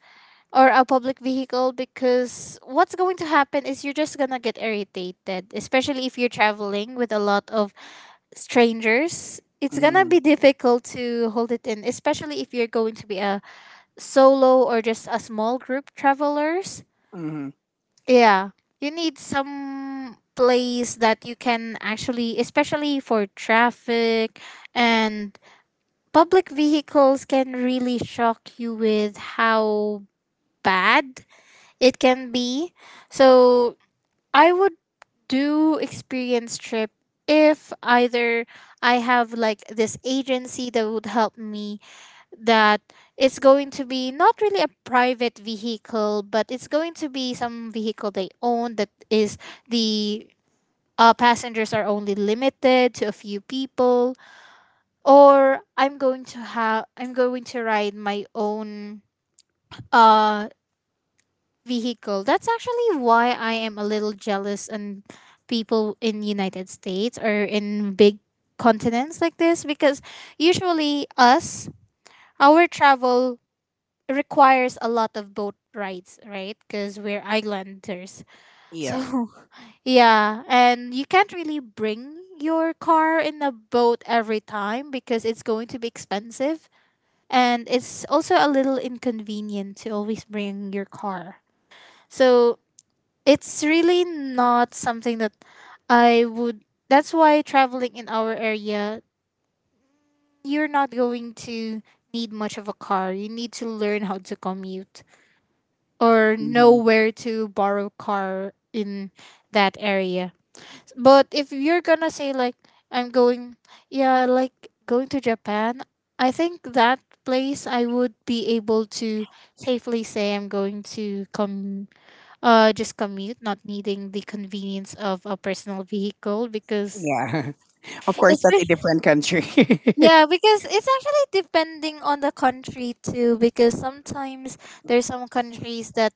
Speaker 2: or a public vehicle, because what's going to happen is you're just going to get irritated, especially if you're traveling with a lot of strangers. It's going to
Speaker 1: Mm,
Speaker 2: be difficult to hold it in, especially if you're going to be a solo or just a small group travelers.
Speaker 1: mm,
Speaker 2: Yeah. You need some place that you can actually, especially for traffic and public vehicles can really shock you with how bad it can be. So I would do experience trip if either I have, like, this agency that would help me, that it's going to be not really a private vehicle, but it's going to be some vehicle they own that is the passengers are only limited to a few people, or I'm going to ride my own uh vehicle. That's actually why I am a little jealous on people in United States or in big continents like this, because usually us, our travel requires a lot of boat rides, right? Because we're islanders.
Speaker 1: yeah.
Speaker 2: So <laughs> yeah, and you can't really bring your car in a boat every time, because it's going to be expensive, and it's also a little inconvenient to always bring your car. So it's really not something that I would. That's why traveling in our area, you're not going to need much of a car. You need to learn how to commute, or know
Speaker 1: Mhm,
Speaker 2: where to borrow car in that area. But if you're gonna say, like, I'm going, yeah, like going to Japan, I think that place I would be able to safely say I'm going to come, just commute, not needing the convenience of a personal vehicle, because,
Speaker 1: yeah. <laughs> Of course,
Speaker 2: It's
Speaker 1: that's a
Speaker 2: very-
Speaker 1: different country. <laughs>
Speaker 2: yeah, because it's actually depending on the country too. Because sometimes there's some countries that,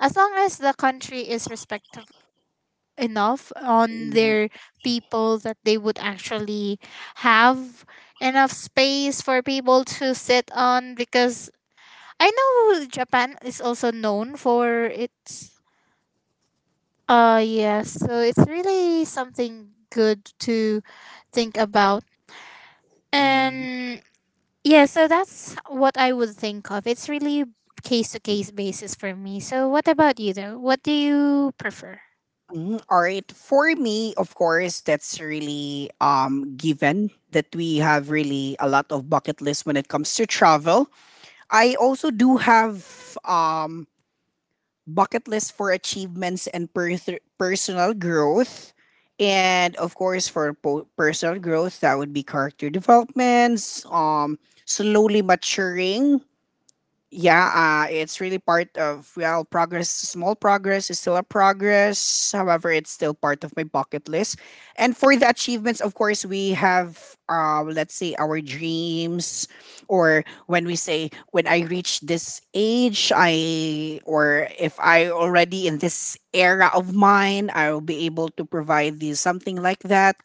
Speaker 2: as long as the country is respectful enough on
Speaker 1: Mhm,
Speaker 2: their people, that they would actually have enough space for people to sit on. Because I know Japan is also known for its, yes, so it's really something good to think about.
Speaker 1: mm.
Speaker 2: And yeah, so that's what I would think of. It's really case to case basis for me. So what about you though? What do you prefer?
Speaker 1: All right. For me, of course, that's really given that we have really a lot of bucket list when it comes to travel. I also do have um bucket list for achievements and personal growth. And of course, for personal growth, that would be character developments, slowly maturing, yeah, it's really part of, well, progress. Small progress is still a progress. However, it's still part of my bucket list. And for the achievements, of course, we have, let's say, our dreams, or when we say, when I reach this age, I, or if I already in this era of mine, I will be able to provide these, something like that.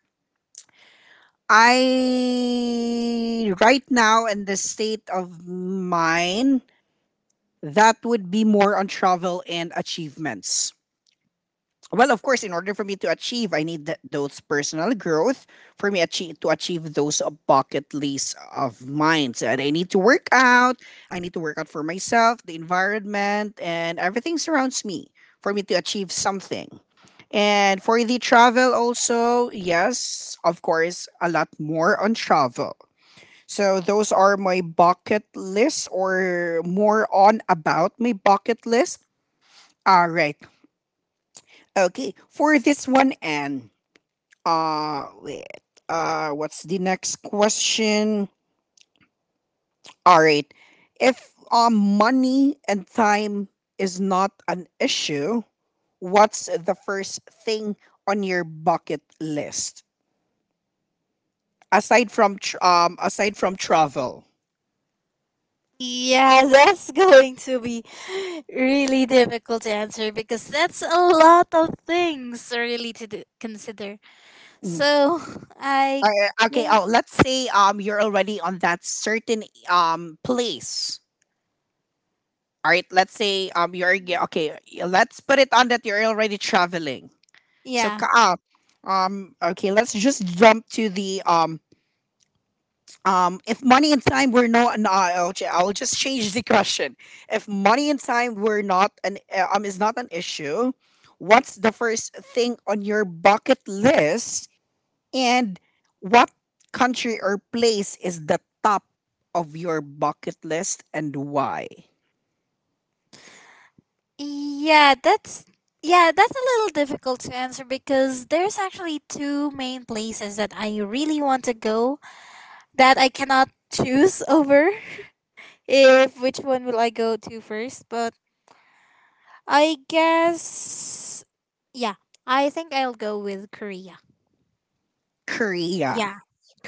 Speaker 1: I right now in the state of mine, that would be more on travel and achievements. Well, of course, in order for me to achieve, I need those personal growth for to achieve those bucket lists of mine. So I need to work out. I need to work out for myself, the environment, and everything surrounds me for me to achieve something. And for the travel, also, yes, of course, a lot more on travel. So those are my bucket list, or more on about my bucket list. All right. Okay. For this one, and wait. What's the next question? All right. If money and time is not an issue, what's the first thing on your bucket list aside from aside from travel?
Speaker 2: Yeah, <laughs> that's going to be really difficult to answer, because that's a lot of things really to do, consider.
Speaker 1: Mm.
Speaker 2: So <laughs> I
Speaker 1: Okay.
Speaker 2: guess
Speaker 1: Oh, let's say you're already on that certain place. All right, let's say you're okay. Let's put it on that you're already traveling. So
Speaker 2: yeah.
Speaker 1: okay, let's just jump to the if money and time were no no, I'll, I'll just change the question. If money and time were not an is not an issue, what's the first thing on your bucket list and what country or place is the top of your bucket list and why?
Speaker 2: Yeah, that's yeah, that's a little difficult to answer because there's actually two main places that I really want to go that I cannot choose <laughs> over if which one will I go to first, but I guess yeah, I think I'll go with Korea.
Speaker 1: Korea.
Speaker 2: Yeah,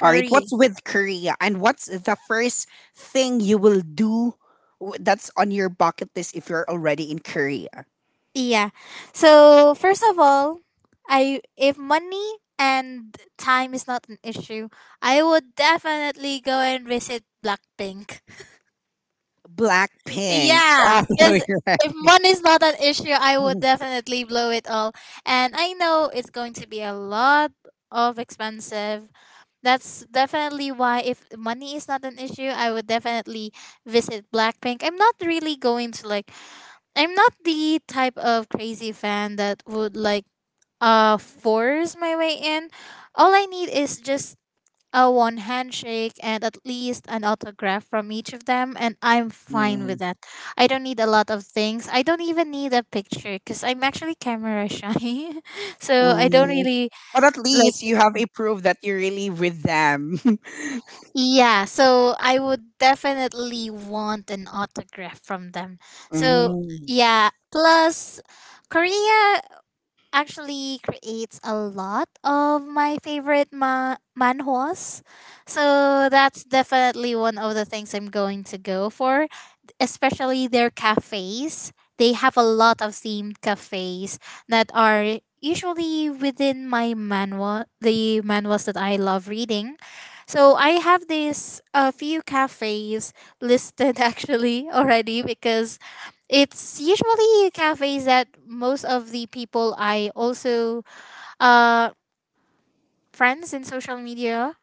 Speaker 1: All right, what's with Korea? And what's the first thing you will do that's on your bucket list if you're already in Korea?
Speaker 2: Yeah. So, first of all, I if money and time is not an issue, I would definitely go and visit Blackpink.
Speaker 1: Blackpink. <laughs>
Speaker 2: Yeah,
Speaker 1: Oh, no,
Speaker 2: because
Speaker 1: you're right.
Speaker 2: if money is not an issue, I would definitely blow it all. And I know it's going to be a lot of expensive. That's definitely why if money is not an issue, I would definitely visit Blackpink. I'm not really going to like I'm not the type of crazy fan that would like force my way in. All I need is just a one handshake and at least an autograph from each of them, and I'm fine with
Speaker 1: Mm,
Speaker 2: that. I don't need a lot of things. I don't even need a picture because I'm actually camera shy. <laughs> So I don't
Speaker 1: mm.
Speaker 2: really
Speaker 1: But at
Speaker 2: like,
Speaker 1: least you have a proof that you're really with them. <laughs>
Speaker 2: yeah, so I would definitely want an autograph from them. So
Speaker 1: Mm.
Speaker 2: yeah, plus Korea actually creates a lot of my favorite manhwas. So that's definitely one of the things I'm going to go for, especially their cafes. They have a lot of themed cafes that are usually within my manual, the manuals that I love reading. So I have this a few cafes listed <laughs> actually already because it's usually cafes that most of the people I also uh friends in social media,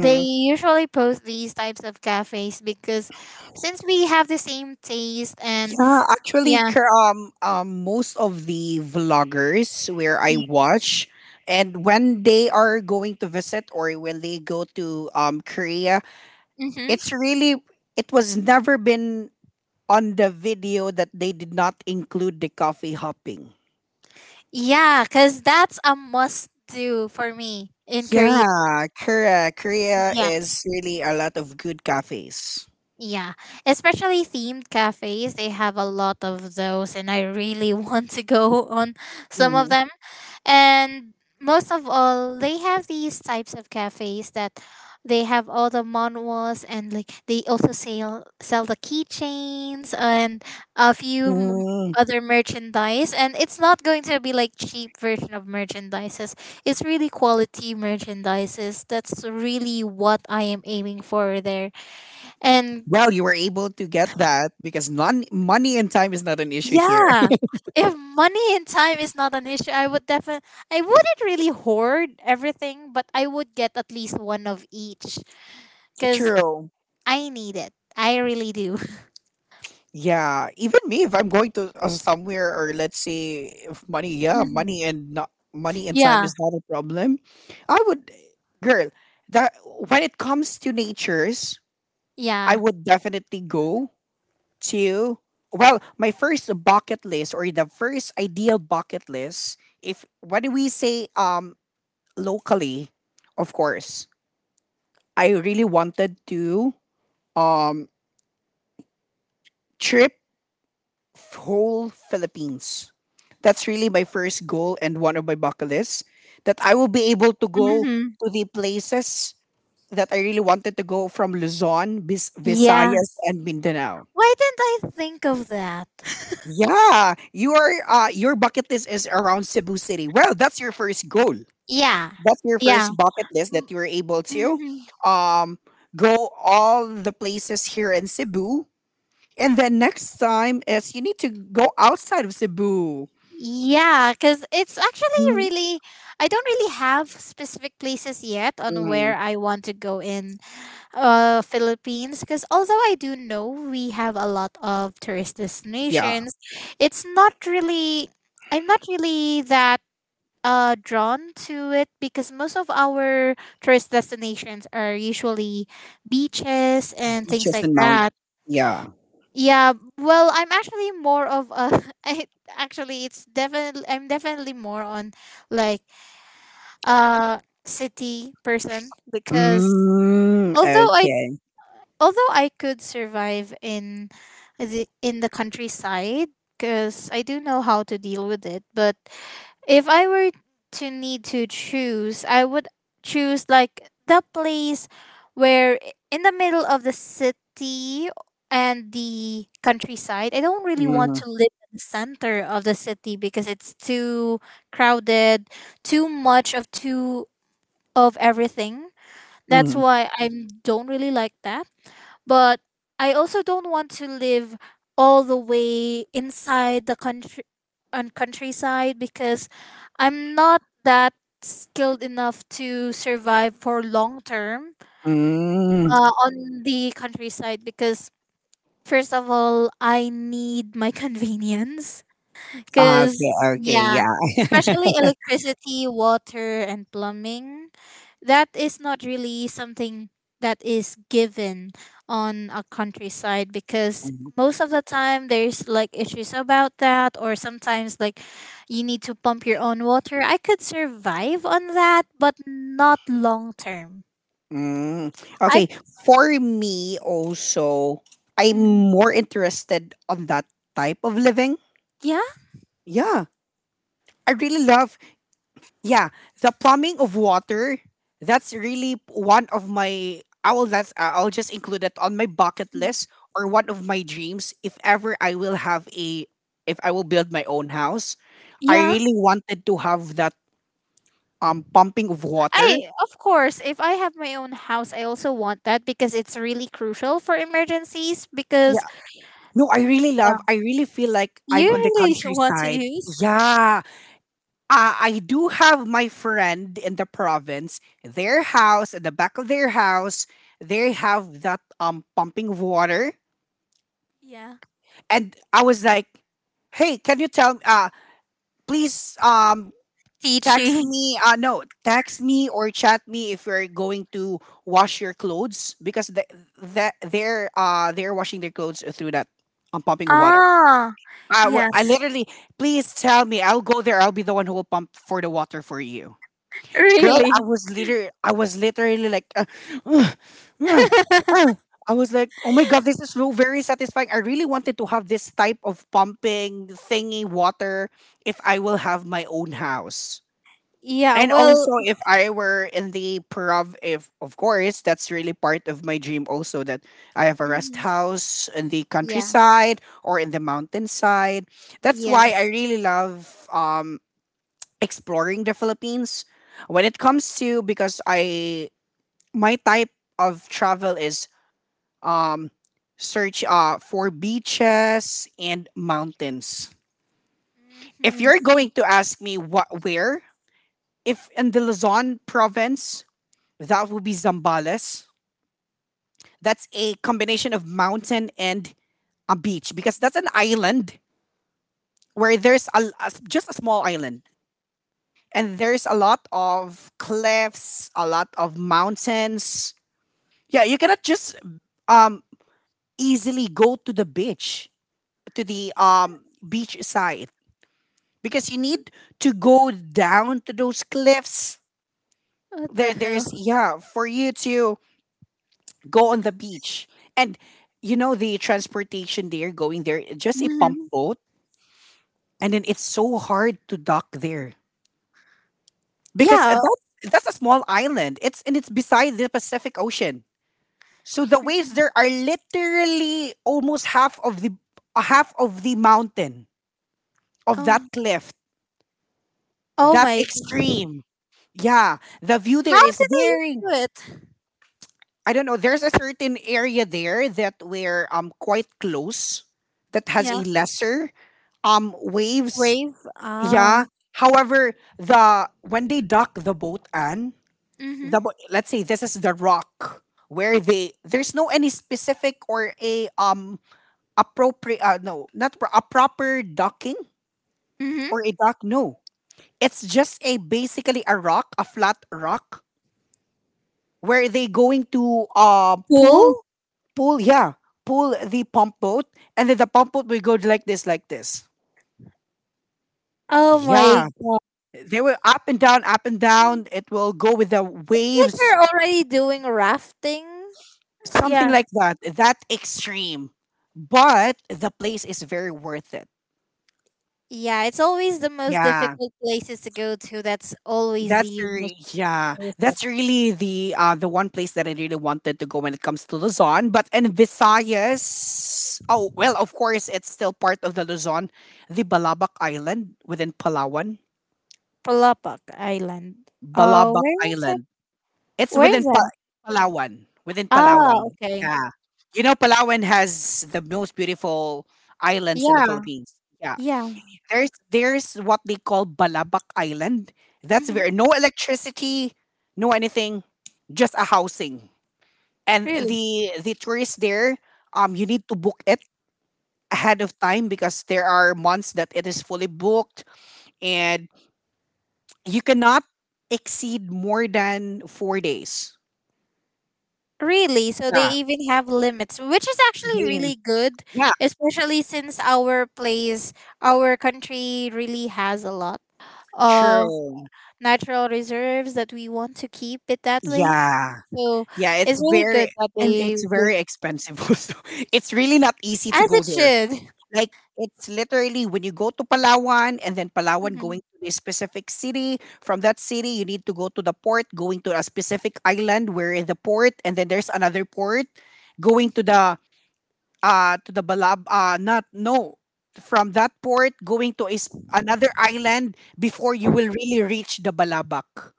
Speaker 2: they usually post these types of cafes because since we have the same taste and
Speaker 1: Yeah, actually,
Speaker 2: yeah.
Speaker 1: most of the vloggers where I watch, and when they are going to visit or when they go to Korea,
Speaker 2: Mm-hmm.
Speaker 1: it's really, it was never been on the video that they did not include the coffee hopping.
Speaker 2: Yeah, because that's a must do for me in Korea.
Speaker 1: Yeah, Korea. Korea is really a lot of good cafes.
Speaker 2: Yeah, especially themed cafes. They have a lot of those, and I really <laughs> want to go on some of
Speaker 1: Mhm.
Speaker 2: them. And most of all, they have these types of cafes that they have all the manuals, and like they also sell the keychains and a few
Speaker 1: Mm.
Speaker 2: other merchandise. And it's not going to be like cheap version of merchandises. It's really quality merchandises. That's really what I am aiming for there. And
Speaker 1: Well, you were able to get that because non money and time is not an issue here.
Speaker 2: yeah. If money and time is not an issue, I would definitely, I wouldn't really hoard everything, but I would get at least one of each
Speaker 1: <laughs>
Speaker 2: cuz
Speaker 1: True.
Speaker 2: I need it. I really do. <laughs>
Speaker 1: Yeah, even me, if I'm going to somewhere, or let's say if money, yeah,
Speaker 2: Mhm.
Speaker 1: money and not money and time
Speaker 2: Yeah.
Speaker 1: is not a problem. I would, girl, that when it comes to natures, I
Speaker 2: Yeah.
Speaker 1: would definitely go to, well, my first bucket list or the first ideal bucket list, if what do we say locally, of course, I really wanted to um trip whole Philippines. That's really my first goal and one of my bucket lists that I will be able to go
Speaker 2: Mhm.
Speaker 1: to the places that I really wanted to go from Luzon,
Speaker 2: Yeah.
Speaker 1: Visayas, and Mindanao.
Speaker 2: Why didn't I think of that? <laughs>
Speaker 1: Yeah, your bucket list is around Cebu City. Well, that's your first goal.
Speaker 2: Yeah.
Speaker 1: That's your
Speaker 2: Yeah.
Speaker 1: first bucket list that you were able to
Speaker 2: Hmm.
Speaker 1: um, go all the places here in Cebu. And then next time is you need to go outside of Cebu.
Speaker 2: Yeah, because it's actually really, I don't really have specific places yet on where
Speaker 1: Mm,
Speaker 2: I want to go in Philippines because although I do know we have a lot of tourist
Speaker 1: yeah,
Speaker 2: destinations, it's not really, I'm not really that drawn to it because most of our tourist destinations are usually beaches and things
Speaker 1: beaches
Speaker 2: like
Speaker 1: and mount,
Speaker 2: that.
Speaker 1: yeah.
Speaker 2: Yeah, well, I'm actually more of a <laughs> I'm definitely more on like uh city person because
Speaker 1: Mm,
Speaker 2: although I
Speaker 1: okay.
Speaker 2: although I could survive in the countryside because I do know how to deal with it, but if I were to need to choose, I would choose like the place where in the middle of the city and the countryside. I don't really want
Speaker 1: Mhm,
Speaker 2: to live in the center of the city because it's too crowded, too much of, too of everything. That's
Speaker 1: mhm,
Speaker 2: why I don't really like that, but I also don't want to live all the way inside the country on countryside because I'm not that skilled enough to survive for long term
Speaker 1: mm.
Speaker 2: on the countryside because first of all I need my <laughs> convenience
Speaker 1: Ah,
Speaker 2: because,
Speaker 1: okay, okay,
Speaker 2: yeah,
Speaker 1: yeah.
Speaker 2: especially
Speaker 1: <laughs>
Speaker 2: electricity, water, and plumbing, that is not really something that is given on a countryside because
Speaker 1: Mhm,
Speaker 2: most of the time there's like issues about that or sometimes like you need to pump your own water. I could survive on that but not long term.
Speaker 1: mm.
Speaker 2: I.
Speaker 1: Okay, for me also, I'm
Speaker 2: Mhm.
Speaker 1: more interested on that type of living.
Speaker 2: Yeah.
Speaker 1: Yeah, I really love, yeah, the plumbing of water, that's really one of my, I will, that's I'll just include it on my bucket list
Speaker 2: Mm-hmm.
Speaker 1: or one of my dreams if ever I will have a, if I will build my own house. I
Speaker 2: Yeah.
Speaker 1: really wanted to have that pumping of water.
Speaker 2: I, of course, if I have my own house, I also want that because it's really crucial for emergencies because
Speaker 1: Yeah. No, I really
Speaker 2: yeah.
Speaker 1: love, I really feel like
Speaker 2: You
Speaker 1: I'm on the
Speaker 2: really <laughs> want to
Speaker 1: countryside.
Speaker 2: use,
Speaker 1: Yeah. I do have my friend in the province, their house, at the back of their house, they have that pumping of water,
Speaker 2: yeah,
Speaker 1: and I was like, "Hey, can you tell? Please, text
Speaker 2: teaching. <laughs>
Speaker 1: me. No, text me or chat me if you're going to wash your clothes because the, that they're washing their clothes through that pumping of water.
Speaker 2: Ah,
Speaker 1: I, I
Speaker 2: yes,
Speaker 1: literally, please tell me. I'll go there. I'll be the one who will pump for the water for you. Girl,
Speaker 2: really.
Speaker 1: I was literally like, "Ugh, ugh,
Speaker 2: <laughs>
Speaker 1: ugh." I was like, oh my god, this is so very satisfying. I really wanted to have this type of pumping thingy water if I will have my own house.
Speaker 2: Yeah.
Speaker 1: And
Speaker 2: Well.
Speaker 1: also, if I were in the prov, if, of course, that's really part of my dream. Also, that I have a rest
Speaker 2: Mhm.
Speaker 1: house in the
Speaker 2: Yeah.
Speaker 1: countryside or in the mountainside. That's
Speaker 2: Yeah.
Speaker 1: why I really love exploring the Philippines. When it comes to, because I, my type of travel is um search for beaches and mountains. If
Speaker 2: Hmm.
Speaker 1: you're going to ask me what, where, if in the Luzon province, that would be Zambales. That's a combination of mountain and a beach because that's an island where there's a just a small island and there's a lot of cliffs, a lot of mountains. Yeah, you cannot just um easily go to the beach, to the beach side, because you need to go down to those cliffs.
Speaker 2: What the
Speaker 1: There there's,
Speaker 2: hell?
Speaker 1: yeah, for you to go on the beach. And you know the transportation there, going there, just a pump
Speaker 2: Hmm.
Speaker 1: boat, and then it's so hard to dock there because
Speaker 2: Yeah.
Speaker 1: that's a small island. It's, and it's beside the Pacific Ocean. So the waves there are literally almost half of the mountain of that
Speaker 2: Oh,
Speaker 1: cliff,
Speaker 2: oh
Speaker 1: that
Speaker 2: my.
Speaker 1: extreme. Yeah, the view
Speaker 2: How
Speaker 1: there is
Speaker 2: do they
Speaker 1: very.
Speaker 2: do it?
Speaker 1: I don't know. There's a certain area there that we're quite close, that has a
Speaker 2: Yeah.
Speaker 1: lesser waves.
Speaker 2: Wave. Ah.
Speaker 1: Yeah. However, the when they dock the boat, and
Speaker 2: Mm-hmm.
Speaker 1: let's say this is the rock where they, there's no any specific or a appropriate, no not pro- a proper docking
Speaker 2: Mm-hmm.
Speaker 1: or a dock, no, it's just a basically a rock, a flat rock, where they going to
Speaker 2: Pool.
Speaker 1: pull yeah pull the pump boat, and then the pump boat will go like this,
Speaker 2: Oh my
Speaker 1: yeah,
Speaker 2: god.
Speaker 1: they will up and down, up and down, it will go with the
Speaker 2: Like
Speaker 1: waves,
Speaker 2: we're already doing rafting.
Speaker 1: something
Speaker 2: Yeah.
Speaker 1: like that, that extreme, but the place is very worth it,
Speaker 2: Yeah, it's always the most
Speaker 1: yeah.
Speaker 2: difficult places to go to. That's always
Speaker 1: That's
Speaker 2: the most
Speaker 1: really, yeah. That's
Speaker 2: places.
Speaker 1: really the one place that I really wanted to go when it comes to Luzon. But in Visayas, oh well, of course it's still part of the Luzon, the Balabac Island within Palawan.
Speaker 2: Palapok Island. Oh,
Speaker 1: Balabac
Speaker 2: where is that?
Speaker 1: Island. It's
Speaker 2: Where is
Speaker 1: within
Speaker 2: that?
Speaker 1: Palawan. Within
Speaker 2: Oh,
Speaker 1: Palawan.
Speaker 2: okay.
Speaker 1: Yeah. You know Palawan has the most beautiful islands in the
Speaker 2: Yeah,
Speaker 1: Philippines. Yeah.
Speaker 2: yeah.
Speaker 1: There's what they call Balabac Island. That's
Speaker 2: Hmm.
Speaker 1: where no electricity, no anything, just a housing. And
Speaker 2: Really,
Speaker 1: the tourists there, you need to book it ahead of time because there are months that it is fully booked, and you cannot exceed more than 4 days.
Speaker 2: really. So they
Speaker 1: Yeah,
Speaker 2: even have limits, which is actually
Speaker 1: they-
Speaker 2: really good,
Speaker 1: yeah,
Speaker 2: especially since our place, our country, really has a lot of
Speaker 1: true.
Speaker 2: natural reserves that we want to keep it that way.
Speaker 1: Yeah,
Speaker 2: So
Speaker 1: yeah. It's
Speaker 2: it's really
Speaker 1: very,
Speaker 2: good that
Speaker 1: and
Speaker 2: they
Speaker 1: it's very
Speaker 2: give,
Speaker 1: expensive. <laughs> Also, it's really not easy to
Speaker 2: as
Speaker 1: go
Speaker 2: it
Speaker 1: there.
Speaker 2: should.
Speaker 1: Like, it's literally when you go to Palawan, and then Palawan going
Speaker 2: Mhm.
Speaker 1: to a specific city. From that city, you need to go to the port, going to a specific island where in the port, and then there's another port going to the Balab not no from that port going to is another island before you will really reach the Balabac.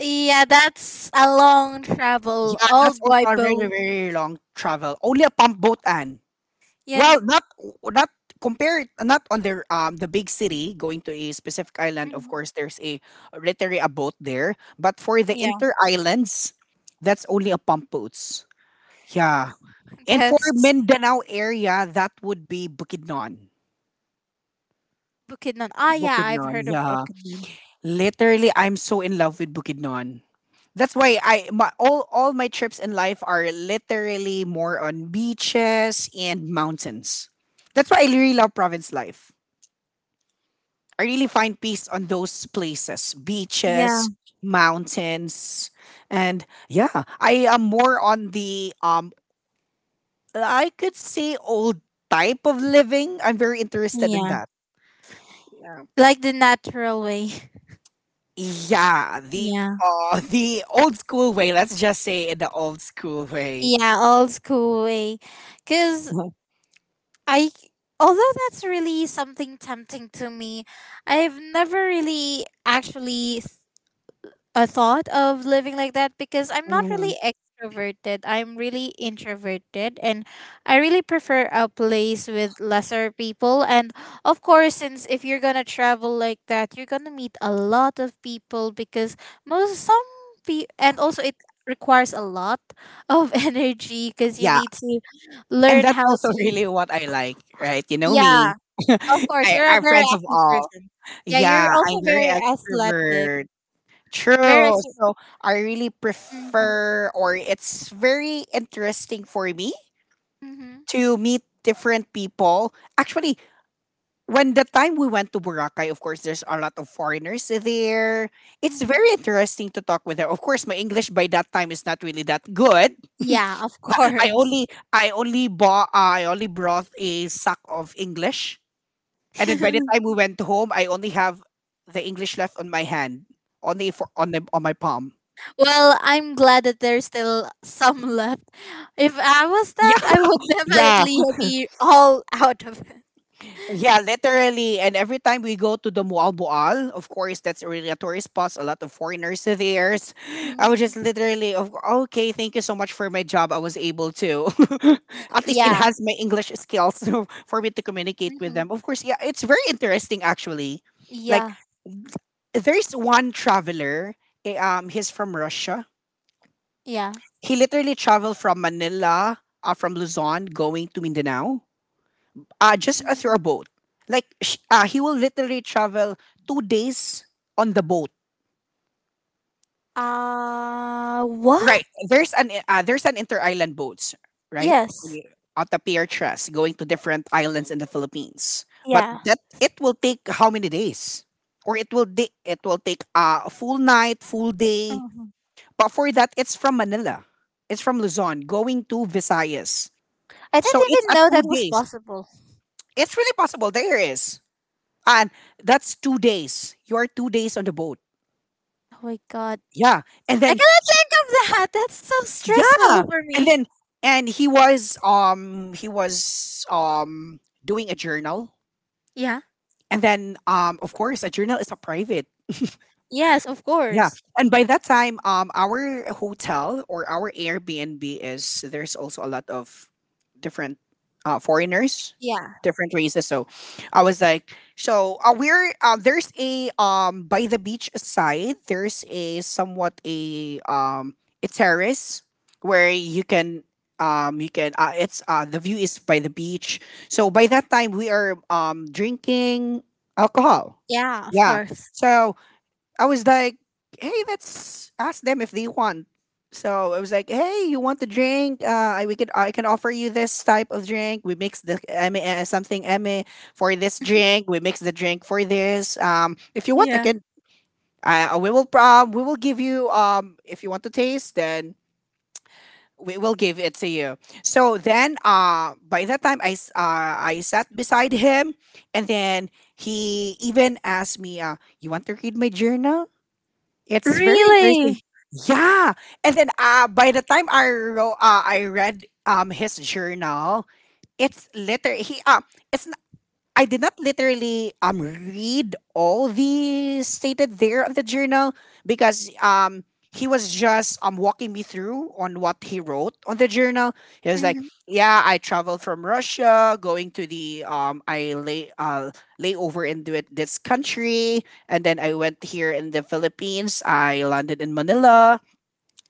Speaker 2: Yeah, that's a long travel,
Speaker 1: Yeah,
Speaker 2: all
Speaker 1: that's
Speaker 2: by
Speaker 1: also a very,
Speaker 2: boat.
Speaker 1: very long travel. Only a pump boat, Anne.
Speaker 2: Yeah,
Speaker 1: Well,
Speaker 2: n-
Speaker 1: not compare it not on their the big city going to a specific island. Of
Speaker 2: mhm.
Speaker 1: course, there's a literally a boat there, but for the
Speaker 2: Yeah,
Speaker 1: inter islands, that's only a pump boats. Yeah,
Speaker 2: <laughs>
Speaker 1: and for
Speaker 2: that's
Speaker 1: Mindanao area, that would be Bukidnon.
Speaker 2: Bukidnon. Ah, yeah, I've
Speaker 1: Bukidnon,
Speaker 2: heard of
Speaker 1: yeah.
Speaker 2: Bukidnon.
Speaker 1: Literally, I'm so in love with Bukidnon. That's why I my, all my trips in life are literally more on beaches and mountains. That's why I really love province life. I really find peace on those places,
Speaker 2: Yeah,
Speaker 1: beaches, mountains, and yeah, I am more on the I could say old type of living. I'm very interested in
Speaker 2: yeah,
Speaker 1: that. Yeah.
Speaker 2: like the natural way.
Speaker 1: Yeah,
Speaker 2: Yeah,
Speaker 1: the old school way. Let's just say the old school way. <laughs>
Speaker 2: yeah, old school way. Cause
Speaker 1: Mhm.
Speaker 2: I, although that's really something tempting to me, I've never really actually a thought of living like that because I'm not
Speaker 1: Mhm.
Speaker 2: really extroverted. I'm really introverted and I really prefer a place with lesser people. And of course, since if you're going to travel like that, you're going to meet a lot of people because most some and also it requires a lot of <laughs> energy because you
Speaker 1: Yeah,
Speaker 2: need to
Speaker 1: and
Speaker 2: learn
Speaker 1: that's
Speaker 2: how
Speaker 1: also <laughs>
Speaker 2: to.
Speaker 1: really what I like, right? You know me.
Speaker 2: Yeah,
Speaker 1: <laughs>
Speaker 2: of course
Speaker 1: I,
Speaker 2: you're a
Speaker 1: I'm
Speaker 2: very
Speaker 1: friends of
Speaker 2: active
Speaker 1: all.
Speaker 2: person. Yeah,
Speaker 1: Yeah,
Speaker 2: you're
Speaker 1: I'm
Speaker 2: also
Speaker 1: very
Speaker 2: very athletic.
Speaker 1: extrovert. True.
Speaker 2: Very ex-
Speaker 1: So I really
Speaker 2: Mhm.
Speaker 1: prefer, or it's very interesting for me
Speaker 2: Mhm.
Speaker 1: to meet different people. Actually, when the time we went to Boracay, of course, there's a lot of foreigners there. It's very
Speaker 2: Mhm.
Speaker 1: interesting to talk with them. Of course, my English by that time is not really that good.
Speaker 2: Yeah, of
Speaker 1: <laughs>
Speaker 2: course.
Speaker 1: I only brought a sack of English, and then by the
Speaker 2: <laughs>
Speaker 1: time we went home, I only have the English left on my hand, only for on my palm.
Speaker 2: Well, I'm glad that there's still some left. If I was that,
Speaker 1: Yeah,
Speaker 2: I would
Speaker 1: <laughs>
Speaker 2: <laughs>
Speaker 1: yeah.
Speaker 2: definitely be all out of it.
Speaker 1: Yeah, literally. And every time we go to the Mual Boal, of course, that's really a tourist spot. A lot of foreigners <laughs> are there. I was just
Speaker 2: Mhm.
Speaker 1: literally, of okay, thank you so much for my job. I was able to <laughs> at least
Speaker 2: Yeah.
Speaker 1: enhance my English skills <laughs> for me to communicate with
Speaker 2: Hmm.
Speaker 1: them. Of course, yeah, it's very interesting actually. Like,
Speaker 2: Yeah.
Speaker 1: there's one traveler, he's from Russia.
Speaker 2: Yeah.
Speaker 1: He literally traveled from Manila, from Luzon, going to Mindanao just through a
Speaker 2: Mhm.
Speaker 1: boat. Like he will literally travel 2 days on the boat.
Speaker 2: What?
Speaker 1: Right. There's an inter island boats right. When
Speaker 2: Yes.
Speaker 1: out the pier trust going to different islands in the Philippines. But
Speaker 2: Yeah.
Speaker 1: that it will take how many days? Or it will it will take a full night, full day.
Speaker 2: Mhm.
Speaker 1: But for that, it's from Manila. It's from Luzon going to Visayas.
Speaker 2: I
Speaker 1: So
Speaker 2: didn't
Speaker 1: it's
Speaker 2: even
Speaker 1: a
Speaker 2: know
Speaker 1: two
Speaker 2: that was
Speaker 1: days.
Speaker 2: possible.
Speaker 1: It's really possible. There is. And that's 2 days. You are 2 days on the boat.
Speaker 2: Oh my god.
Speaker 1: Yeah. And
Speaker 2: I
Speaker 1: then
Speaker 2: cannot think of that. That's so
Speaker 1: yeah.
Speaker 2: stressful for
Speaker 1: And
Speaker 2: me.
Speaker 1: then and he was doing a journal.
Speaker 2: Yeah.
Speaker 1: And then of course a journal is a private.
Speaker 2: Yes, of
Speaker 1: Yeah.
Speaker 2: course.
Speaker 1: And by that time, our hotel or our Airbnb is there's also a lot of different foreigners,
Speaker 2: Yeah.
Speaker 1: different races. So I was like, so we're there's a by the beach side there's a somewhat a terrace where you can it's the view is by the beach. So by that time we are drinking alcohol.
Speaker 2: Yeah, of
Speaker 1: Yeah.
Speaker 2: course.
Speaker 1: So I was like, hey, let's ask them if they want. So I was like, hey, you want the drink? We could I can offer you this type of drink. We mix the something eme for this drink. We mix the drink for this. If you want, I
Speaker 2: Yeah.
Speaker 1: can. We will give you if you want to taste then we will give it to you. So then by that time I sat beside him and then he even asked me you want to read my journal? It's very interesting.
Speaker 2: Really?
Speaker 1: Yeah, and then, by the time I read, his journal, it's liter he, it's I did not literally read all the stated there on the journal because he was just walking me through on what he wrote on the journal. He was like,
Speaker 2: Mhm.
Speaker 1: "Yeah, I traveled from Russia, going to the I lay layover in this country, and then I went here in the Philippines. I landed in Manila,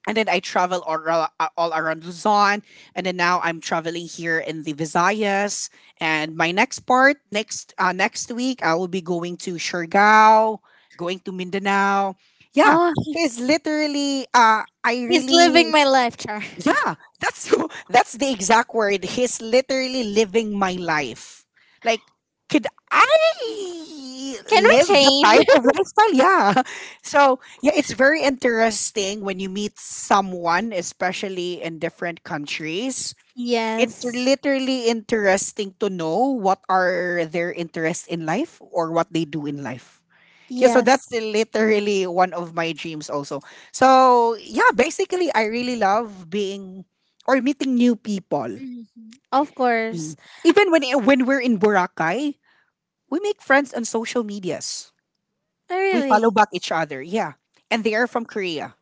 Speaker 1: and then I travel all around Luzon, and then now I'm traveling here in the Visayas. And my next next week, I will be going to Siargao, going to Mindanao. Yeah,
Speaker 2: Oh,
Speaker 1: because literally, I
Speaker 2: he's living
Speaker 1: really
Speaker 2: my life, Char. <laughs>
Speaker 1: yeah, that's <laughs> that's the exact word. He's literally living my life. Like, could I
Speaker 2: Can we
Speaker 1: live the
Speaker 2: change?
Speaker 1: type
Speaker 2: <laughs>
Speaker 1: of lifestyle? Yeah. <laughs> So yeah, it's very interesting when you meet someone, especially in different countries. It's
Speaker 2: Yes.
Speaker 1: literally interesting to know what are their interests in life or what they do in life. Yeah, so that's
Speaker 2: Yes.
Speaker 1: literally one of my dreams also. So yeah, basically I really love being or meeting new people.
Speaker 2: Mhm. Of course.
Speaker 1: Mm. Even when we're in Boracay, we make friends on social medias.
Speaker 2: Oh,
Speaker 1: We follow
Speaker 2: really?
Speaker 1: back each other. Yeah. And they are from Korea.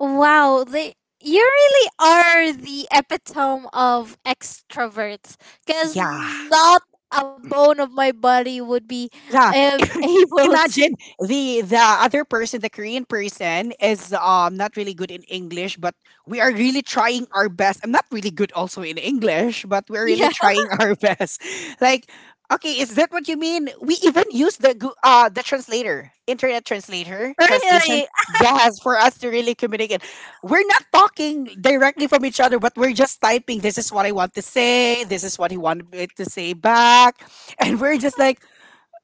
Speaker 2: Wow, they you really are the epitome of extroverts cuz
Speaker 1: Yeah.
Speaker 2: not a bone of my body would be
Speaker 1: Yeah. <coughs>
Speaker 2: <laughs>
Speaker 1: <laughs>
Speaker 2: able to.
Speaker 1: Imagine the other person, the Korean person, is not really good in English, but we are really trying our best. I'm not really good also in English, but we're really
Speaker 2: Yeah.
Speaker 1: trying our <laughs> best. Like, okay, is that what you mean? We even use the the translator, internet translator, translation.
Speaker 2: Really?
Speaker 1: Yes, for us to really communicate. We're not talking directly from each other, but we're just typing, this is what I want to say, this is what he wanted me to say back. And we're just like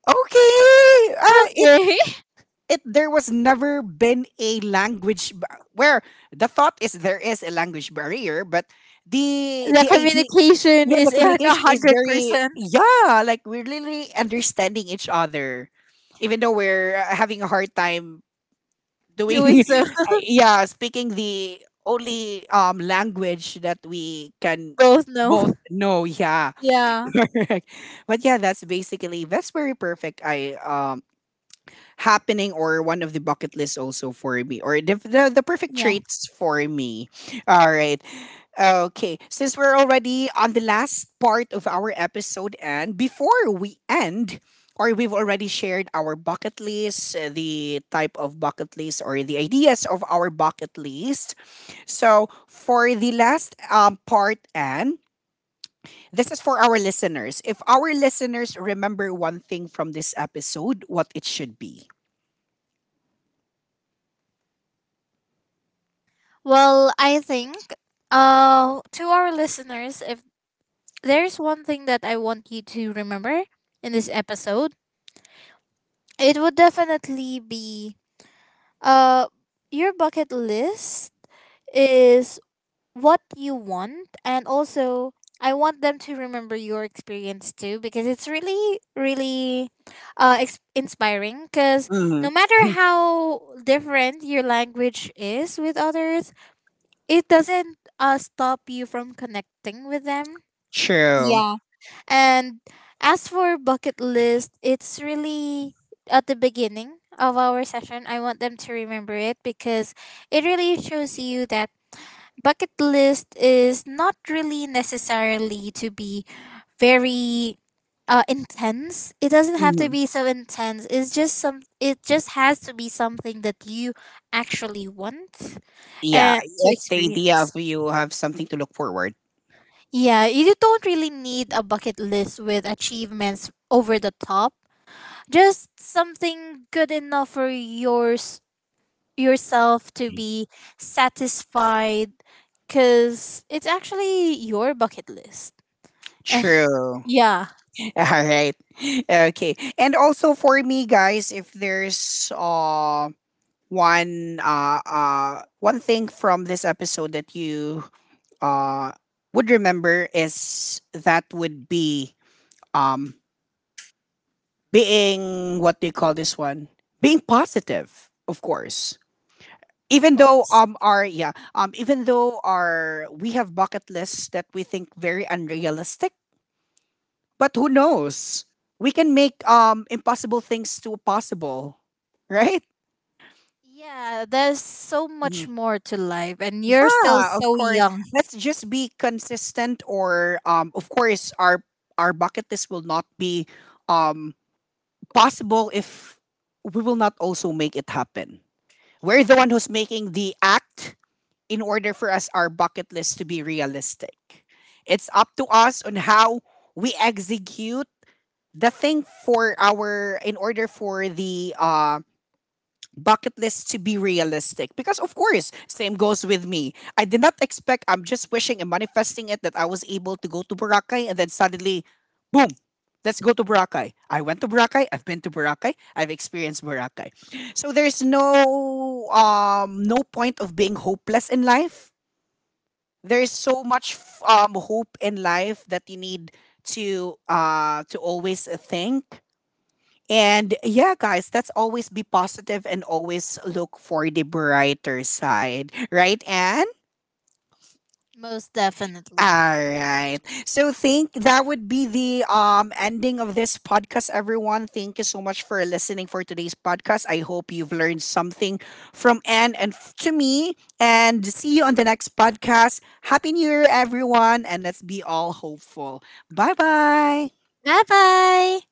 Speaker 1: okay. It
Speaker 2: Okay. <laughs>
Speaker 1: it there was never been a where the thought is there is a language barrier, but the
Speaker 2: The
Speaker 1: the idea,
Speaker 2: communication
Speaker 1: yeah, the
Speaker 2: is in
Speaker 1: communication is very,
Speaker 2: 100%,
Speaker 1: yeah, like we're really understanding each other, even though we're having a hard time doing
Speaker 2: doing so.
Speaker 1: <laughs>
Speaker 2: <laughs>
Speaker 1: yeah, speaking the only language that we can
Speaker 2: Both
Speaker 1: both
Speaker 2: know.
Speaker 1: know. Yeah.
Speaker 2: Yeah.
Speaker 1: <laughs> Correct. But yeah, that's basically that's very perfect. I happening or one of the bucket lists also for me or the perfect
Speaker 2: Yeah.
Speaker 1: traits for me. All right. Okay, since we're already on the last part of our episode and before we end, or we've already shared our bucket list, the type of bucket list or the ideas of our bucket list, so for the last part, and this is for our listeners, if our listeners remember one thing from this episode, what it should be.
Speaker 2: Well, I think to our listeners, if there's one thing that I want you to remember in this episode, it would definitely be uh your bucket list is what you want. And also I want them to remember your experience too because it's really really inspiring cuz
Speaker 1: Mhm.
Speaker 2: no matter
Speaker 1: <laughs>
Speaker 2: how different your language is with others, it doesn't stop you from connecting with them.
Speaker 1: True.
Speaker 2: Yeah. And as for bucket list, it's really at the beginning of our session. I want them to remember it because it really shows you that bucket list is not really necessarily to be very intense. It doesn't have to
Speaker 1: Mhm.
Speaker 2: be so intense. It's just some. It just has to be something that you actually want
Speaker 1: Yeah,
Speaker 2: to
Speaker 1: that's the idea
Speaker 2: experience.
Speaker 1: of you have something to look forward.
Speaker 2: Yeah, you don't really need a bucket list with achievements over the top. Just something good enough for yourself to be satisfied cuz it's actually your bucket list. And <laughs>
Speaker 1: True.
Speaker 2: yeah,
Speaker 1: <laughs> All right. Okay. And also for me, guys, if there's one thing from this episode that you uh would remember, is that would be um being, what do you call this one? Being positive, of course,
Speaker 2: of
Speaker 1: even though
Speaker 2: course.
Speaker 1: our yeah even though our we have bucket lists that we think very unrealistic, but who knows, we can make impossible things to possible, right?
Speaker 2: Yeah, there's so
Speaker 1: Mhm.
Speaker 2: much more to life and you're still
Speaker 1: Yeah, of
Speaker 2: so
Speaker 1: course.
Speaker 2: young.
Speaker 1: Let's just be consistent, or of course our bucket list will not be um possible if we will not also make it happen. We're the one who's making the act in order for us our bucket list to be realistic. It's up to us on how we execute the thing for our in order for the bucket list to be realistic, because of course same goes with me. I did not expect, I'm just wishing and manifesting it, that I was able to go to Boracay, and then suddenly, boom, let's go to Boracay. I went to Boracay, I've been to Boracay, I've experienced Boracay. So there's no no point of being hopeless in life. There's so much hope in life that you need to always think, and yeah guys, let's always be positive and always look for the brighter side, right? And
Speaker 2: Most definitely.
Speaker 1: all right. So think that would be the ending of this podcast, everyone. Thank you so much for listening for today's podcast. I hope you've learned something from Anne and to me, and see you on the next podcast. Happy New Year everyone, and let's be all hopeful. Bye-bye.
Speaker 2: Bye-bye.